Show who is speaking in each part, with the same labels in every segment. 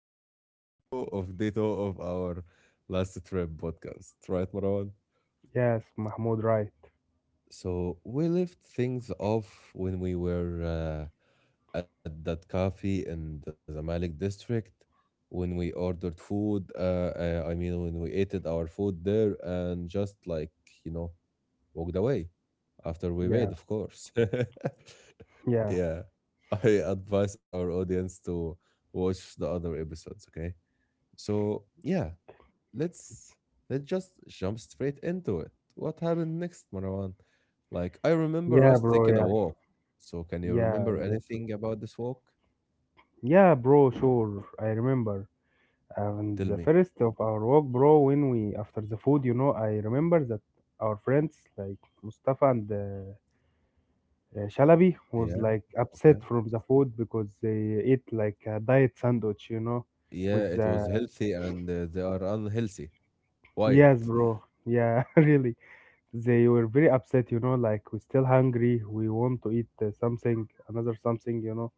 Speaker 1: like part two of day two of our last trip podcast, right, Marwan?
Speaker 2: Yes, Mahmoud, right.
Speaker 1: So we left things off when we were at that cafe in the Zamalek district when we ordered food. I mean, when we ate it, our food there and just like, you know, walked away after we paid,
Speaker 2: Yeah,
Speaker 1: of course.
Speaker 2: yeah,
Speaker 1: Yeah. I advise our audience to watch the other episodes, okay? So, yeah, let's let's just jump straight into it. What happened next, Marwan? Like, I remember
Speaker 2: yeah,
Speaker 1: us
Speaker 2: bro.
Speaker 1: taking a
Speaker 2: Yeah,
Speaker 1: walk. So, can you
Speaker 2: yeah,
Speaker 1: remember
Speaker 2: that's so,
Speaker 1: anything about this walk?
Speaker 2: yeah, bro. Sure, I remember. And
Speaker 1: Tell
Speaker 2: the
Speaker 1: me.
Speaker 2: first of our walk, bro, when we after the food, you know, I remember that our friends like Mustafa and Shalabi was
Speaker 1: Yeah,
Speaker 2: like upset
Speaker 1: okay.
Speaker 2: from the food because they ate like a diet sandwich, you know,
Speaker 1: Yeah,
Speaker 2: with
Speaker 1: it
Speaker 2: the
Speaker 1: was healthy and they are unhealthy. Wide.
Speaker 2: yes, bro. Yeah, really. They were very upset, you know, like we're still hungry. We want to eat something, another something, you know.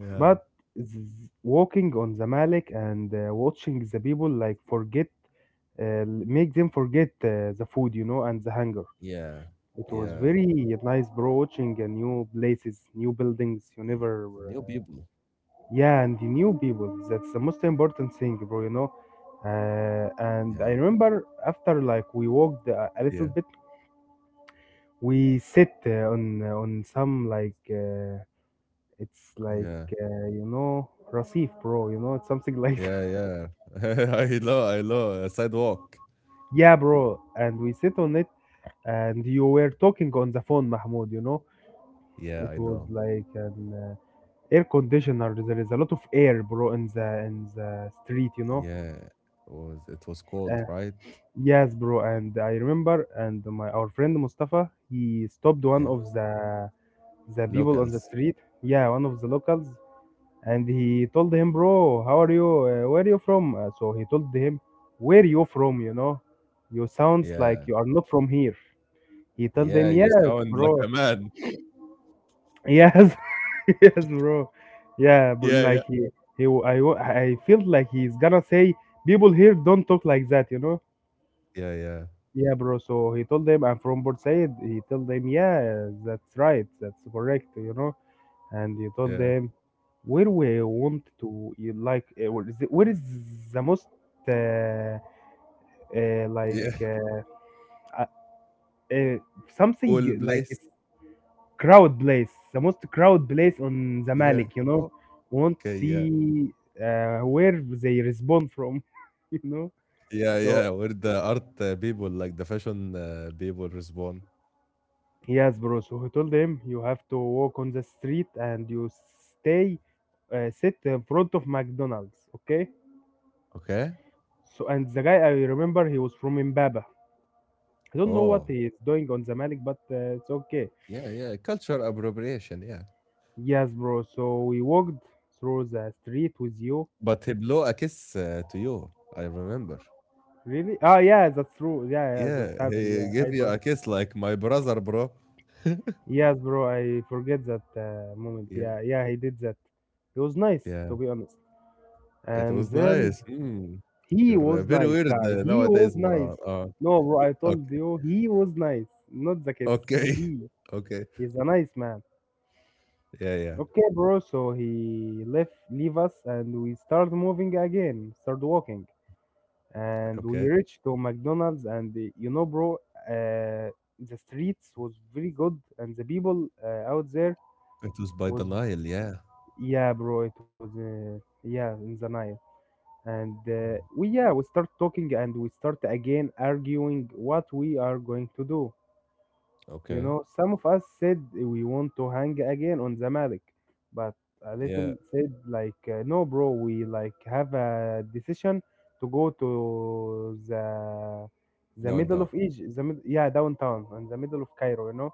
Speaker 1: Yeah.
Speaker 2: But walking on the Malik and watching the people like forget, make them forget the food, you know, and the hunger.
Speaker 1: Yeah,
Speaker 2: It was
Speaker 1: yeah,
Speaker 2: very nice, bro, watching new places, new buildings. You
Speaker 1: yeah.
Speaker 2: never,
Speaker 1: New people.
Speaker 2: yeah, and the new people. That's the most important thing, bro, you know. And I
Speaker 1: Yeah,
Speaker 2: remember after like we walked a little
Speaker 1: yeah,
Speaker 2: bit we sit on some like it's like
Speaker 1: yeah,
Speaker 2: you know receive, bro, you know, it's something like
Speaker 1: yeah,
Speaker 2: that.
Speaker 1: yeah. I know, I know. A sidewalk.
Speaker 2: Yeah, bro, and we sit on it, and you were talking on the phone, Mahmoud, you know.
Speaker 1: Yeah,
Speaker 2: It
Speaker 1: I
Speaker 2: was
Speaker 1: know.
Speaker 2: like an air conditioner. There is a lot of air, bro, in the street, you know.
Speaker 1: Yeah, it was cold,
Speaker 2: uh,
Speaker 1: right?
Speaker 2: yes, bro, and I remember, and my our friend Mustafa, he stopped one
Speaker 1: Yeah,
Speaker 2: of the people on the
Speaker 1: locals.
Speaker 2: street. Yeah, one of the locals. And he told him, bro, how are you, where are you from? So he told him, where you from? You know, you sounds like
Speaker 1: Yeah,
Speaker 2: you are not from here. He told
Speaker 1: yeah.
Speaker 2: him,
Speaker 1: You
Speaker 2: yes,
Speaker 1: sound like
Speaker 2: bro.
Speaker 1: a man.
Speaker 2: Yes. Yes, bro. Yeah, bro.
Speaker 1: Yeah, yeah,
Speaker 2: Like he I felt like he's gonna say, people here don't talk like that, you know.
Speaker 1: yeah, yeah,
Speaker 2: Yeah, bro. So he told them, I'm from Port Said. He told them, yeah, that's right, that's correct, you know. And you told
Speaker 1: yeah,
Speaker 2: them where we want to you like where is where is the most uh, like
Speaker 1: yeah.
Speaker 2: uh, uh, something
Speaker 1: Cool
Speaker 2: like
Speaker 1: place.
Speaker 2: it's crowd place, the most crowd place on the
Speaker 1: Yeah.
Speaker 2: Malik, you know.
Speaker 1: Oh,
Speaker 2: Want to
Speaker 1: okay. Yeah.
Speaker 2: see where they respond from. You know,
Speaker 1: Yeah,
Speaker 2: so
Speaker 1: yeah. Where the art people, like the fashion people respond.
Speaker 2: yes, bro. So he told them, you have to walk on the street, and you stay, sit in front of McDonald's, okay.
Speaker 1: Okay.
Speaker 2: So, and the guy, I remember, he was from Mbaba. I don't know what
Speaker 1: Oh,
Speaker 2: he is doing on Zamalek, but it's okay.
Speaker 1: yeah, yeah. Culture appropriation. Yeah.
Speaker 2: Yes, bro. So we walked through the street with you.
Speaker 1: But he blew a kiss to you. I remember.
Speaker 2: Really? Oh, yeah, that's true. Yeah, yeah, that's
Speaker 1: Yeah,
Speaker 2: happened.
Speaker 1: he
Speaker 2: Yeah,
Speaker 1: gave
Speaker 2: I
Speaker 1: you
Speaker 2: for
Speaker 1: a kiss like my brother, bro.
Speaker 2: Yes, bro, I forget that moment.
Speaker 1: Yeah,
Speaker 2: Yeah, yeah, he did that. He was nice,
Speaker 1: yeah.
Speaker 2: to be honest.
Speaker 1: It
Speaker 2: And
Speaker 1: was
Speaker 2: then
Speaker 1: nice. Mm.
Speaker 2: he
Speaker 1: You're
Speaker 2: was
Speaker 1: very
Speaker 2: nice
Speaker 1: weird
Speaker 2: guy. He was
Speaker 1: nowadays,
Speaker 2: nice.
Speaker 1: Maran.
Speaker 2: No, bro, I told
Speaker 1: Okay,
Speaker 2: you, he was nice, not the kids.
Speaker 1: okay,
Speaker 2: He
Speaker 1: okay.
Speaker 2: is a nice man.
Speaker 1: Yeah, yeah.
Speaker 2: Okay, bro. So he left, leave us, and we start moving again. Start walking, and we
Speaker 1: Okay.
Speaker 2: reached to McDonald's. And you know, bro, uh, the streets was very good, and the people out there
Speaker 1: It was by the
Speaker 2: was
Speaker 1: Nile. Yeah.
Speaker 2: yeah, bro. It was yeah in the night, and
Speaker 1: Mm.
Speaker 2: we yeah we start talking, and we start again arguing what we are going to do. You
Speaker 1: Okay.
Speaker 2: know, some of us said we want to hang again on Zamalek, but a
Speaker 1: Yeah.
Speaker 2: little said like, no, bro, we like have a decision to go to the middle
Speaker 1: Downtown.
Speaker 2: of Egypt, the yeah downtown in the middle of Cairo, you know.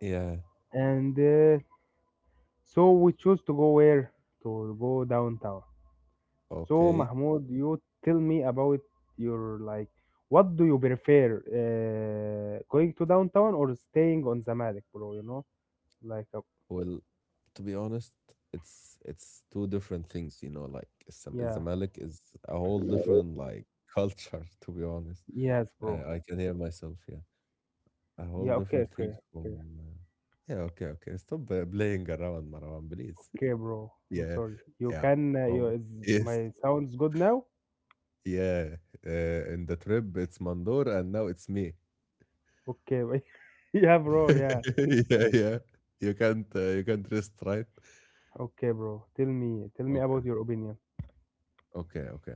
Speaker 1: Yeah.
Speaker 2: And so we choose to go where to go downtown. So
Speaker 1: Okay.
Speaker 2: Mahmoud, you tell me about your like, what do you prefer, going to downtown or staying on Zamalek, bro? You know like
Speaker 1: Well, to be honest, it's two different things, you know, like
Speaker 2: yeah.
Speaker 1: Zamalek is a whole different like culture, to be honest.
Speaker 2: Yes, bro.
Speaker 1: I can hear myself, yeah. A whole
Speaker 2: Yeah. Okay.
Speaker 1: different
Speaker 2: Okay.
Speaker 1: thing from
Speaker 2: Okay.
Speaker 1: yeah, okay, okay. Stop playing around, Marwan, please.
Speaker 2: Okay, bro, I'm
Speaker 1: Yeah,
Speaker 2: sorry. You
Speaker 1: yeah.
Speaker 2: can. You
Speaker 1: Um,
Speaker 2: is
Speaker 1: yes,
Speaker 2: my sounds good now?
Speaker 1: yeah. In the trip, it's Mandor, and now it's me.
Speaker 2: Okay. Yeah, bro. Yeah.
Speaker 1: Yeah, yeah. You can't rest, right?
Speaker 2: Okay, bro. Tell me. Tell me
Speaker 1: Okay.
Speaker 2: about your opinion.
Speaker 1: Okay, okay.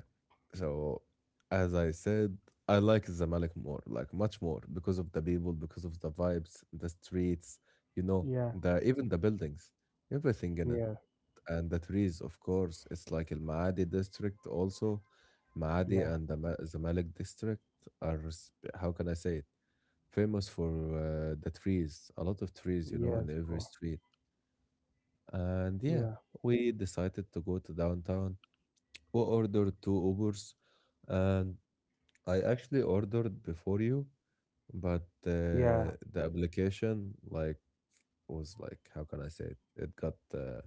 Speaker 1: So, as I said, I like Zamalek more, like much more, because of the people, because of the vibes, the streets, you know,
Speaker 2: Yeah.
Speaker 1: the even the buildings, everything in it,
Speaker 2: Yeah.
Speaker 1: and the trees, of course. It's like Al Maadi district also. Maadi
Speaker 2: Yeah.
Speaker 1: and the Zamalek district are, how can I say it, famous for the trees, a lot of trees, you know, in
Speaker 2: Yes,
Speaker 1: every
Speaker 2: bro.
Speaker 1: street. And yeah,
Speaker 2: Yeah.
Speaker 1: we decided to go to downtown who ordered two Ubers, and I actually ordered before you, but
Speaker 2: Yeah.
Speaker 1: the application like was like how can I say it? It got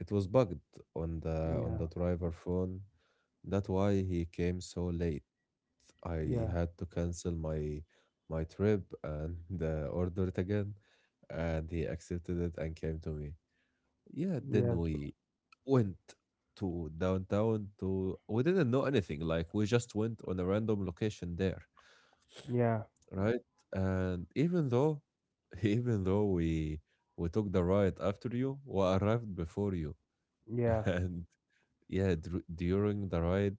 Speaker 1: It was bugged on
Speaker 2: Yeah.
Speaker 1: the driver phone. That's why he came so late. I
Speaker 2: Yeah.
Speaker 1: had to cancel my trip and order it again, and he accepted it and came to me. Yeah, then
Speaker 2: Yes, bro.
Speaker 1: we went to downtown to we didn't know anything, like we just went on a random location there,
Speaker 2: Yeah.
Speaker 1: right? And even though even though we took the ride after you, we arrived before you.
Speaker 2: Yeah.
Speaker 1: And yeah, during the ride,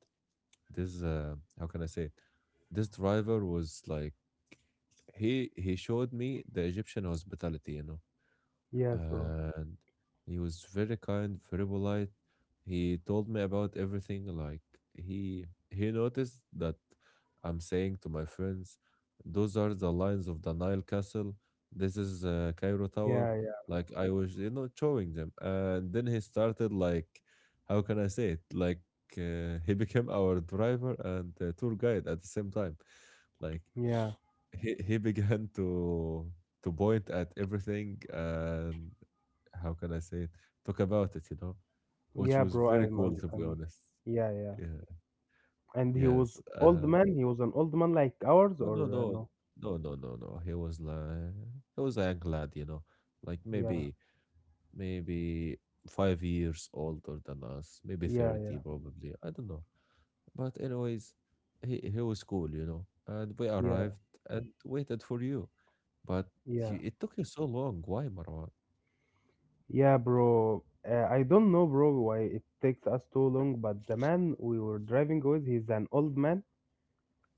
Speaker 1: this how can I say it? This driver was like he showed me the Egyptian hospitality, you know
Speaker 2: Yes, bro.
Speaker 1: and he was very kind, very polite. He told me about everything. Like he he noticed that I'm saying to my friends, those are the lines of the Nile Castle. This is Cairo Tower.
Speaker 2: Yeah.
Speaker 1: Like I was, you know, showing them, and then he started like, how can I say it? Like he became our driver and tour guide at the same time. Like
Speaker 2: Yeah. Yeah.
Speaker 1: he began to point at everything and how can I say it? Talk about it, you know, which
Speaker 2: Yeah,
Speaker 1: was
Speaker 2: bro.
Speaker 1: very
Speaker 2: I'm.
Speaker 1: cool
Speaker 2: I'm.
Speaker 1: to be
Speaker 2: I'm
Speaker 1: honest.
Speaker 2: yeah. Yeah.
Speaker 1: Yeah.
Speaker 2: And he was
Speaker 1: Yes.
Speaker 2: old man. He was an old man like ours,
Speaker 1: No, no,
Speaker 2: or
Speaker 1: no,
Speaker 2: no?
Speaker 1: no, no, no, no. He was like, he was a young lad, you know, like
Speaker 2: Yeah.
Speaker 1: maybe, maybe 5 years older than us, maybe
Speaker 2: Yeah. Yeah.
Speaker 1: 30 probably. I don't know. But anyways, he was cool, you know, and we
Speaker 2: Yeah,
Speaker 1: arrived and waited for you. But
Speaker 2: yeah,
Speaker 1: you, it took you so long. Why, Marwan?
Speaker 2: yeah, bro. I don't know, bro, why it takes us too long, but the man we were driving with, he's an old man,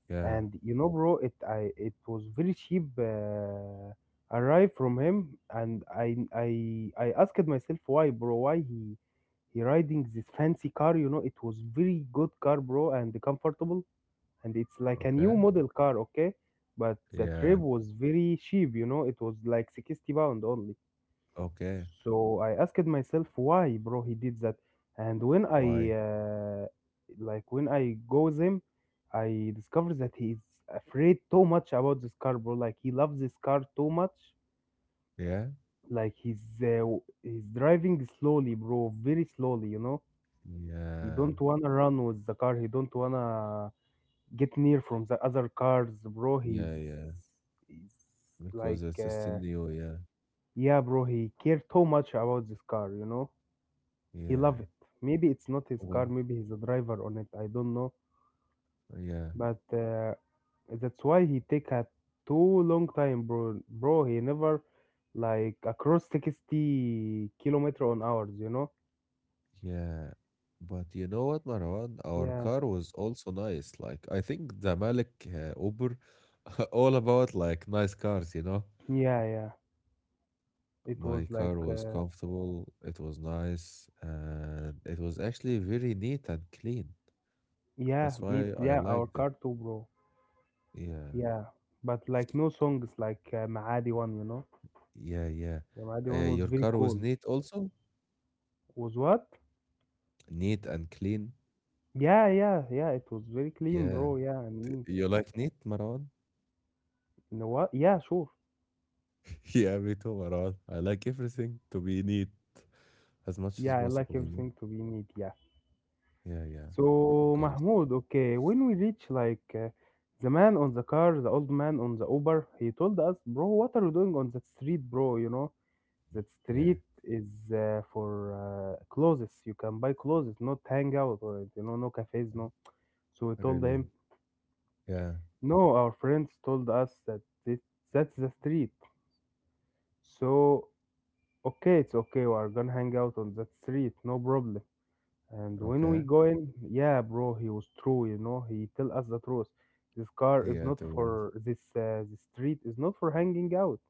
Speaker 1: Yeah.
Speaker 2: and you know, bro, it I it was very cheap arrive from him, and I asked myself why, bro, why he riding this fancy car, you know, it was very good car, bro, and comfortable, and it's like a new
Speaker 1: Okay.
Speaker 2: model car, okay, but the
Speaker 1: Yeah.
Speaker 2: trip was very cheap, you know, it was like 60 pound only.
Speaker 1: Okay.
Speaker 2: So I asked myself why, bro, he did that. And when I
Speaker 1: Why?
Speaker 2: like when I go with him, I discovered that he is afraid too much about this car, bro. Like he loves this car too much.
Speaker 1: Yeah.
Speaker 2: Like he's driving slowly, bro, very slowly. You know, he
Speaker 1: Yeah.
Speaker 2: don't wanna run with the car. He don't wanna get near from the other cars, bro. He's
Speaker 1: Yeah. Yeah.
Speaker 2: he's
Speaker 1: Because
Speaker 2: like
Speaker 1: it's still new. Yeah.
Speaker 2: yeah, bro. He care too much about this car, you know. He
Speaker 1: Yeah.
Speaker 2: loved it. Maybe it's not his
Speaker 1: Well,
Speaker 2: car, maybe he's a driver on it. I don't know,
Speaker 1: yeah.
Speaker 2: but that's why he take a too long time, bro. Bro, he never like across 60 kilometer on hours, you know?
Speaker 1: Yeah. But you know what, Marwan? Our
Speaker 2: Yeah,
Speaker 1: car was also nice. Like, I think the Malik Uber, all about like nice cars, you know?
Speaker 2: yeah, yeah. It was
Speaker 1: My
Speaker 2: like
Speaker 1: car was comfortable. It was nice. And it was actually very neat and clean.
Speaker 2: yeah,
Speaker 1: That's why
Speaker 2: meet
Speaker 1: I
Speaker 2: yeah, our
Speaker 1: liked it.
Speaker 2: car too, bro.
Speaker 1: Yeah.
Speaker 2: Yeah, but like no songs like Maadi one, you know?
Speaker 1: Yeah. Yeah.
Speaker 2: The Maadi one was
Speaker 1: Your
Speaker 2: very
Speaker 1: car was
Speaker 2: cool.
Speaker 1: neat also?
Speaker 2: Was what?
Speaker 1: Neat and clean.
Speaker 2: Yeah, yeah, yeah. It was very clean,
Speaker 1: Yeah.
Speaker 2: bro. Yeah, and
Speaker 1: You like neat, Marwan?
Speaker 2: you know what? Yeah, sure.
Speaker 1: Yeah, me too, Marwan. I like everything to be neat as much as
Speaker 2: Yeah, I like
Speaker 1: possible, you know?
Speaker 2: everything to be neat. Yeah.
Speaker 1: Yeah, yeah.
Speaker 2: So,
Speaker 1: Okay.
Speaker 2: Mahmoud, okay, when we reach like the man on the car, the old man on the Uber, he told us, bro, what are you doing on that street, bro? You know, that
Speaker 1: Yeah.
Speaker 2: street is for clothes. You can buy clothes, not hang out or you know, no cafes, no.
Speaker 1: Um,
Speaker 2: So we told
Speaker 1: really?
Speaker 2: him,
Speaker 1: Yeah.
Speaker 2: no, our friends told us that that's the street. So, okay, it's okay. We are gonna hang out on that street, no problem. And when
Speaker 1: Okay.
Speaker 2: we go in, yeah, bro, he was true. You know, he tell us the truth. This car is
Speaker 1: Yeah,
Speaker 2: not
Speaker 1: to will.
Speaker 2: for this. The street is not for hanging out.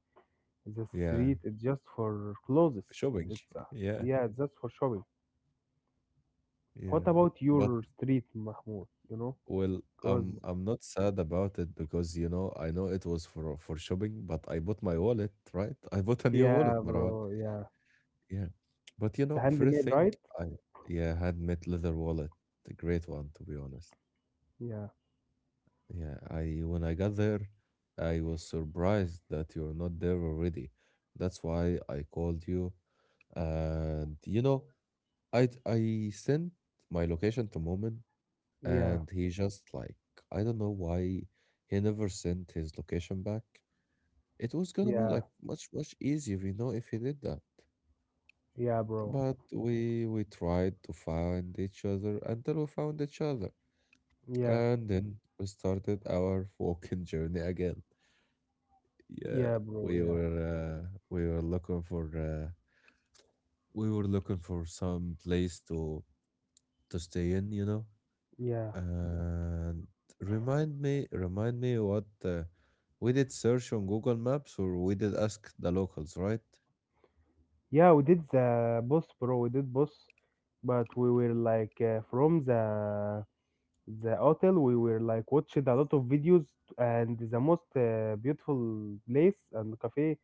Speaker 2: The
Speaker 1: Yeah.
Speaker 2: street is just for clothes.
Speaker 1: Shopping.
Speaker 2: It's
Speaker 1: Yeah.
Speaker 2: yeah, it's just for shopping.
Speaker 1: Yeah.
Speaker 2: What about
Speaker 1: But
Speaker 2: your street, Mahmoud? You know,
Speaker 1: well,
Speaker 2: cause
Speaker 1: I'm not sad about it because you know I know it was for shopping, but I bought my wallet, right? I bought a new wallet,
Speaker 2: yeah,
Speaker 1: Marwan.
Speaker 2: bro, yeah,
Speaker 1: Yeah. But you
Speaker 2: it's
Speaker 1: know, first
Speaker 2: handmade,
Speaker 1: thing
Speaker 2: right?
Speaker 1: I yeah, had met leather wallet. A great one to be honest.
Speaker 2: Yeah,
Speaker 1: Yeah, I when I got there, I was surprised that you're not there already. That's why I called you. And you know, I sent my location to Moment
Speaker 2: yeah,
Speaker 1: and he just like I don't know why he never sent his location back. It was gonna be
Speaker 2: yeah,
Speaker 1: like much much easier, you know, if he did that.
Speaker 2: yeah, bro,
Speaker 1: But we tried to find each other until we found each other
Speaker 2: yeah,
Speaker 1: and then we started our walking journey again. Yeah,
Speaker 2: yeah, bro,
Speaker 1: we
Speaker 2: yeah,
Speaker 1: were we were looking for we were looking for some place to stay in, you know,
Speaker 2: yeah.
Speaker 1: and remind me, remind me what we did search on Google Maps or we did ask the locals, right?
Speaker 2: Yeah, we did the boss, bro. We did boss, but we were like from the hotel. We were like watched a lot of videos, and the most beautiful place and cafe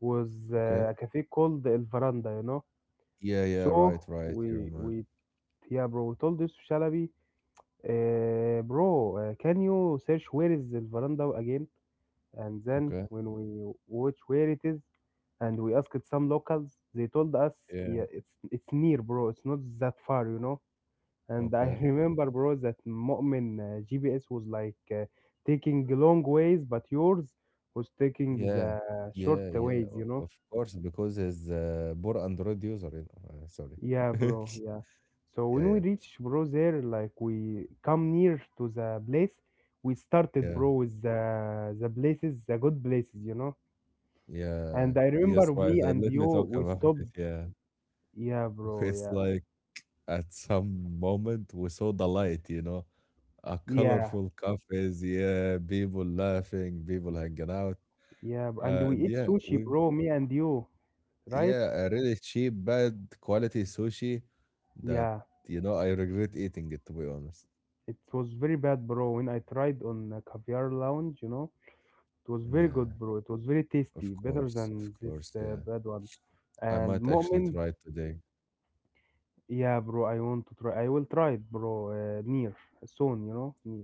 Speaker 2: was
Speaker 1: Okay.
Speaker 2: a cafe called El Veranda. You know,
Speaker 1: Yeah, yeah,
Speaker 2: so
Speaker 1: right, right, you
Speaker 2: we
Speaker 1: remind.
Speaker 2: we yeah, bro. We told this to Shalabi, bro, can you search where is El Veranda again? And then
Speaker 1: Okay,
Speaker 2: when we watch where it is, and we asked some locals, they told us,
Speaker 1: yeah,
Speaker 2: yeah, it's near, bro. It's not that far, you know. And I
Speaker 1: okay.
Speaker 2: remember, bro, that Mu'min GPS was like taking long ways, but yours was taking
Speaker 1: Yeah.
Speaker 2: the short
Speaker 1: Yeah, yeah.
Speaker 2: ways, you
Speaker 1: O
Speaker 2: know.
Speaker 1: of course, because he's a poor Android user, you know, sorry.
Speaker 2: Yeah, bro. Yeah. So
Speaker 1: Yeah,
Speaker 2: when we
Speaker 1: yeah,
Speaker 2: reach, bro, there like we come near to the place, we started,
Speaker 1: yeah,
Speaker 2: bro, with the places, the good places, you know.
Speaker 1: yeah.
Speaker 2: And I
Speaker 1: Yes,
Speaker 2: remember
Speaker 1: right,
Speaker 2: me
Speaker 1: and
Speaker 2: and
Speaker 1: let
Speaker 2: you,
Speaker 1: me talk
Speaker 2: we
Speaker 1: about
Speaker 2: stopped.
Speaker 1: it, yeah.
Speaker 2: Yeah, bro.
Speaker 1: It's
Speaker 2: Yeah.
Speaker 1: like at some moment we saw the light, you know, a
Speaker 2: Yeah.
Speaker 1: colorful cafes, yeah, people laughing, people hanging out,
Speaker 2: Yeah, bro. And we
Speaker 1: and
Speaker 2: eat
Speaker 1: yeah,
Speaker 2: sushi,
Speaker 1: we
Speaker 2: bro. Me and you, right?
Speaker 1: yeah, a really cheap, bad quality sushi that,
Speaker 2: Yeah.
Speaker 1: you know, I regret eating it, to be honest.
Speaker 2: It was very bad, bro. When I tried on a caviar lounge, you know, it was very
Speaker 1: Yeah.
Speaker 2: good, bro. It was very tasty, better
Speaker 1: Of
Speaker 2: than this
Speaker 1: course, yeah.
Speaker 2: bad one.
Speaker 1: I
Speaker 2: And
Speaker 1: might actually
Speaker 2: Mu'min,
Speaker 1: try it today.
Speaker 2: yeah, bro, I want to try. I will try it, bro. Near soon, you know, near.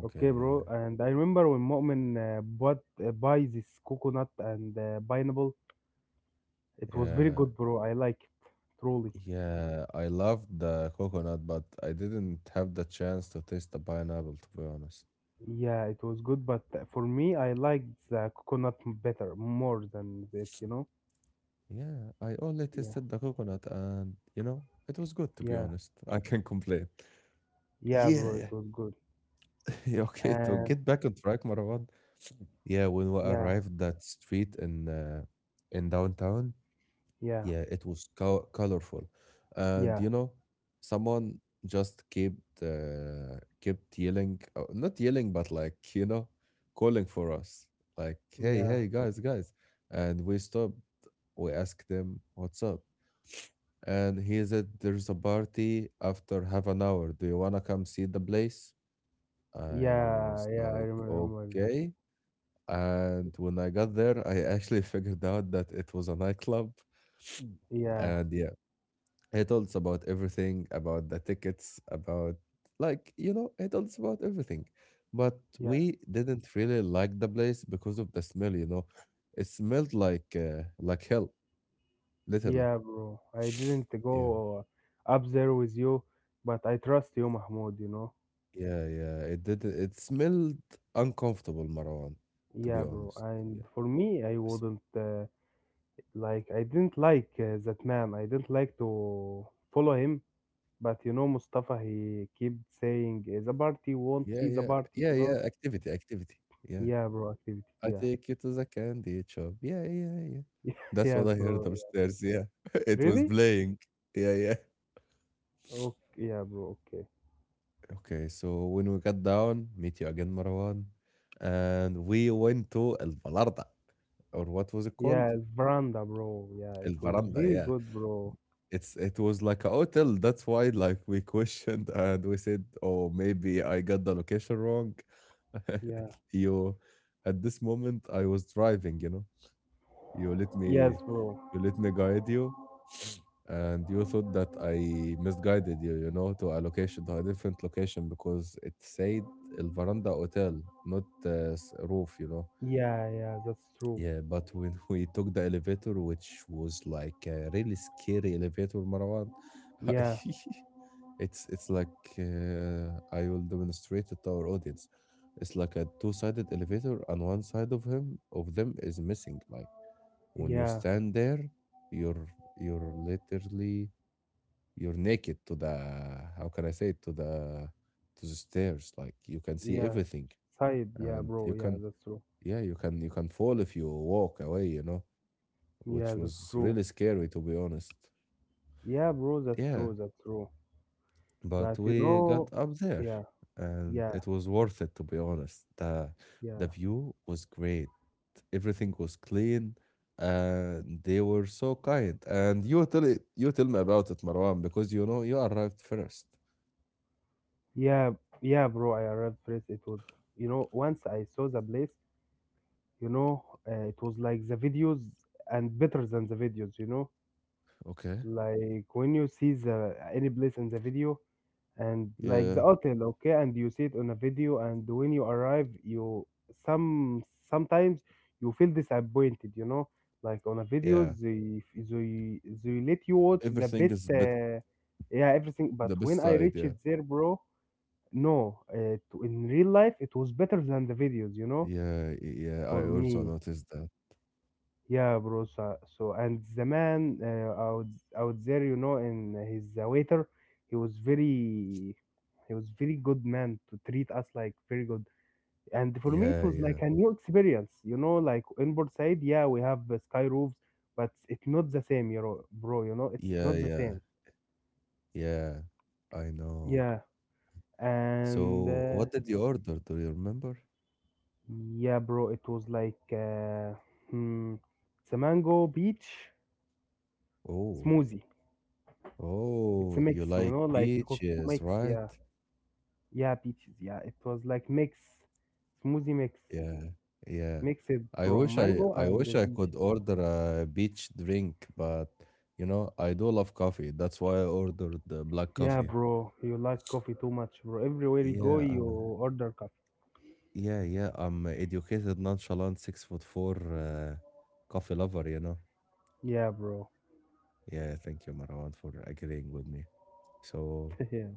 Speaker 2: Okay,
Speaker 1: yeah.
Speaker 2: bro. And I remember when Mu'min bought buy this coconut and pineapple. It was very
Speaker 1: Yeah,
Speaker 2: good, bro. I like it, truly.
Speaker 1: yeah. I loved the coconut, but I didn't have the chance to taste the pineapple, to be honest.
Speaker 2: Yeah, it was good, but for me, I liked the coconut better, more than it, you know?
Speaker 1: Yeah, I only
Speaker 2: Yeah,
Speaker 1: tasted the coconut and, you know, it was good, to be
Speaker 2: yeah,
Speaker 1: honest. I can complain.
Speaker 2: yeah,
Speaker 1: Yeah,
Speaker 2: bro, it
Speaker 1: yeah.
Speaker 2: was good.
Speaker 1: Yeah, okay, to
Speaker 2: Uh,
Speaker 1: get back on track, Marwan. Yeah, when we
Speaker 2: yeah,
Speaker 1: arrived that street in downtown,
Speaker 2: yeah,
Speaker 1: yeah, it was co colorful. And
Speaker 2: yeah,
Speaker 1: you know, someone just kept kept yelling, not yelling, but like, you know, calling for us. Like, hey,
Speaker 2: yeah,
Speaker 1: hey, guys, guys. And we stopped. We asked him, what's up? And he said, there's a party after half an hour. Do you want to come see the place? I
Speaker 2: yeah,
Speaker 1: was
Speaker 2: yeah, I
Speaker 1: like,
Speaker 2: remember that.
Speaker 1: okay. And when I got there, I actually figured out that it was a nightclub.
Speaker 2: Yeah,
Speaker 1: And yeah. He told us about everything, about the tickets, about like, you know, he told us about everything. But
Speaker 2: yeah,
Speaker 1: we didn't really like the place because of the smell, you know. It smelled like hell, literally.
Speaker 2: yeah, bro. I didn't
Speaker 1: Yeah.
Speaker 2: go up there with you, but I trust you, Mahmoud, you know?
Speaker 1: Yeah, yeah. It did it smelled uncomfortable, Marwan, to be
Speaker 2: Yeah, bro.
Speaker 1: honest. Yeah.
Speaker 2: And for me, I
Speaker 1: It's-
Speaker 2: wouldn't. Like I didn't like that man. I didn't like to follow him. But you know, Mustafa, he kept saying, "Eh, the party won't
Speaker 1: Yeah,
Speaker 2: see
Speaker 1: yeah.
Speaker 2: the
Speaker 1: Yeah,
Speaker 2: party," you
Speaker 1: yeah.
Speaker 2: know.
Speaker 1: Activity, activity. Yeah.
Speaker 2: Yeah, bro. Activity.
Speaker 1: I
Speaker 2: Yeah.
Speaker 1: take you to the candy shop. Yeah, yeah, yeah. That's what
Speaker 2: Yes,
Speaker 1: I heard
Speaker 2: bro.
Speaker 1: upstairs. Yeah.
Speaker 2: Yeah.
Speaker 1: It was
Speaker 2: Really?
Speaker 1: playing. Yeah, yeah.
Speaker 2: Okay. Yeah, bro. Okay.
Speaker 1: Okay, so when we got down, meet you again, Marwan, and we went to El Balarda, or what was it called?
Speaker 2: Yeah, veranda, bro. Yeah,
Speaker 1: El
Speaker 2: it was
Speaker 1: Veranda,
Speaker 2: very
Speaker 1: yeah.
Speaker 2: good, bro.
Speaker 1: It's it was like a hotel. That's why, like, we questioned and we said, "Oh, maybe I got the location wrong."
Speaker 2: Yeah.
Speaker 1: You, at this moment, I was driving, you know. You let me
Speaker 2: Yes, bro.
Speaker 1: you let me guide you, and you thought that I misguided you, you know, to a location, to a different location because it said El Veranda Hotel, not roof, you know.
Speaker 2: Yeah, yeah, that's true.
Speaker 1: Yeah, but when we took the elevator, which was like a really scary elevator, Marwan, I-
Speaker 2: Yeah,
Speaker 1: it's like I will demonstrate it to our audience. It's like a two-sided elevator, and one side of him of them is missing. Like when you
Speaker 2: yeah,
Speaker 1: stand there, you're you're literally you're naked to the how can I say it to the stairs. Like you can see
Speaker 2: yeah.
Speaker 1: everything,
Speaker 2: Side, yeah,
Speaker 1: and
Speaker 2: bro.
Speaker 1: you
Speaker 2: Yeah,
Speaker 1: can
Speaker 2: that's true.
Speaker 1: yeah you can fall if you walk away. You know,
Speaker 2: Yeah,
Speaker 1: which
Speaker 2: that's
Speaker 1: was
Speaker 2: true.
Speaker 1: really scary to be honest.
Speaker 2: Yeah, bro, that's
Speaker 1: Yeah,
Speaker 2: true. That's true.
Speaker 1: but
Speaker 2: But you
Speaker 1: we got
Speaker 2: know,
Speaker 1: up there,
Speaker 2: yeah,
Speaker 1: and
Speaker 2: yeah,
Speaker 1: it was worth it to be honest.
Speaker 2: yeah,
Speaker 1: The view was great, everything was clean, and they were so kind. And you tell it, you tell me about it, Marwan, because you know you arrived first.
Speaker 2: yeah, yeah, bro. I arrived first. It was, you know, Once I saw the place, it was like the videos and better than the videos, you know.
Speaker 1: Okay.
Speaker 2: Like when you see the any place in the video, and like
Speaker 1: Yeah,
Speaker 2: the hotel okay and you see it on a video and when you arrive you sometimes you feel disappointed, you know. Like on a video
Speaker 1: yeah,
Speaker 2: they let you watch the
Speaker 1: everything
Speaker 2: best
Speaker 1: is bit
Speaker 2: uh, Yeah, everything. But
Speaker 1: the best
Speaker 2: when I
Speaker 1: side,
Speaker 2: reached
Speaker 1: yeah.
Speaker 2: there, bro, no in real life it was better than the videos, you know,
Speaker 1: Yeah, yeah,
Speaker 2: for
Speaker 1: I also
Speaker 2: me.
Speaker 1: noticed that.
Speaker 2: Yeah, bro. So and the man out out there, you know, and his waiter, he was very, he was very good man to treat us like very good. And for me, it
Speaker 1: Yeah,
Speaker 2: was like
Speaker 1: yeah,
Speaker 2: a new experience, you know. Like in Bursaid, yeah, we have the sky roofs, but it's not the same, you know, bro. You know, it's
Speaker 1: yeah,
Speaker 2: not the
Speaker 1: yeah,
Speaker 2: same.
Speaker 1: yeah, I know.
Speaker 2: Yeah,
Speaker 1: So
Speaker 2: and
Speaker 1: what did you order, do you remember?
Speaker 2: yeah, bro. It was like hmm, It's a mango beach
Speaker 1: Oh.
Speaker 2: smoothie. It's a
Speaker 1: Oh, you
Speaker 2: mix, you
Speaker 1: like
Speaker 2: know, like cook
Speaker 1: peaches,
Speaker 2: mix.
Speaker 1: right?
Speaker 2: Yeah. Yeah, peaches. Yeah, it was like mix, smoothie mix,
Speaker 1: Yeah, yeah.
Speaker 2: mixed
Speaker 1: I
Speaker 2: from
Speaker 1: wish I
Speaker 2: mango
Speaker 1: I
Speaker 2: and
Speaker 1: wish
Speaker 2: the
Speaker 1: I
Speaker 2: peach.
Speaker 1: could order a beach drink, but you know, I do love coffee. That's why I ordered the black
Speaker 2: Yeah,
Speaker 1: coffee.
Speaker 2: bro, you like coffee too much, bro. Everywhere you go,
Speaker 1: Yeah,
Speaker 2: you order coffee.
Speaker 1: yeah, yeah. I'm a educated, nonchalant, 6 foot four coffee lover, you know.
Speaker 2: Yeah, bro.
Speaker 1: Yeah, thank you, Marwan, for agreeing with me. So,
Speaker 2: Yeah,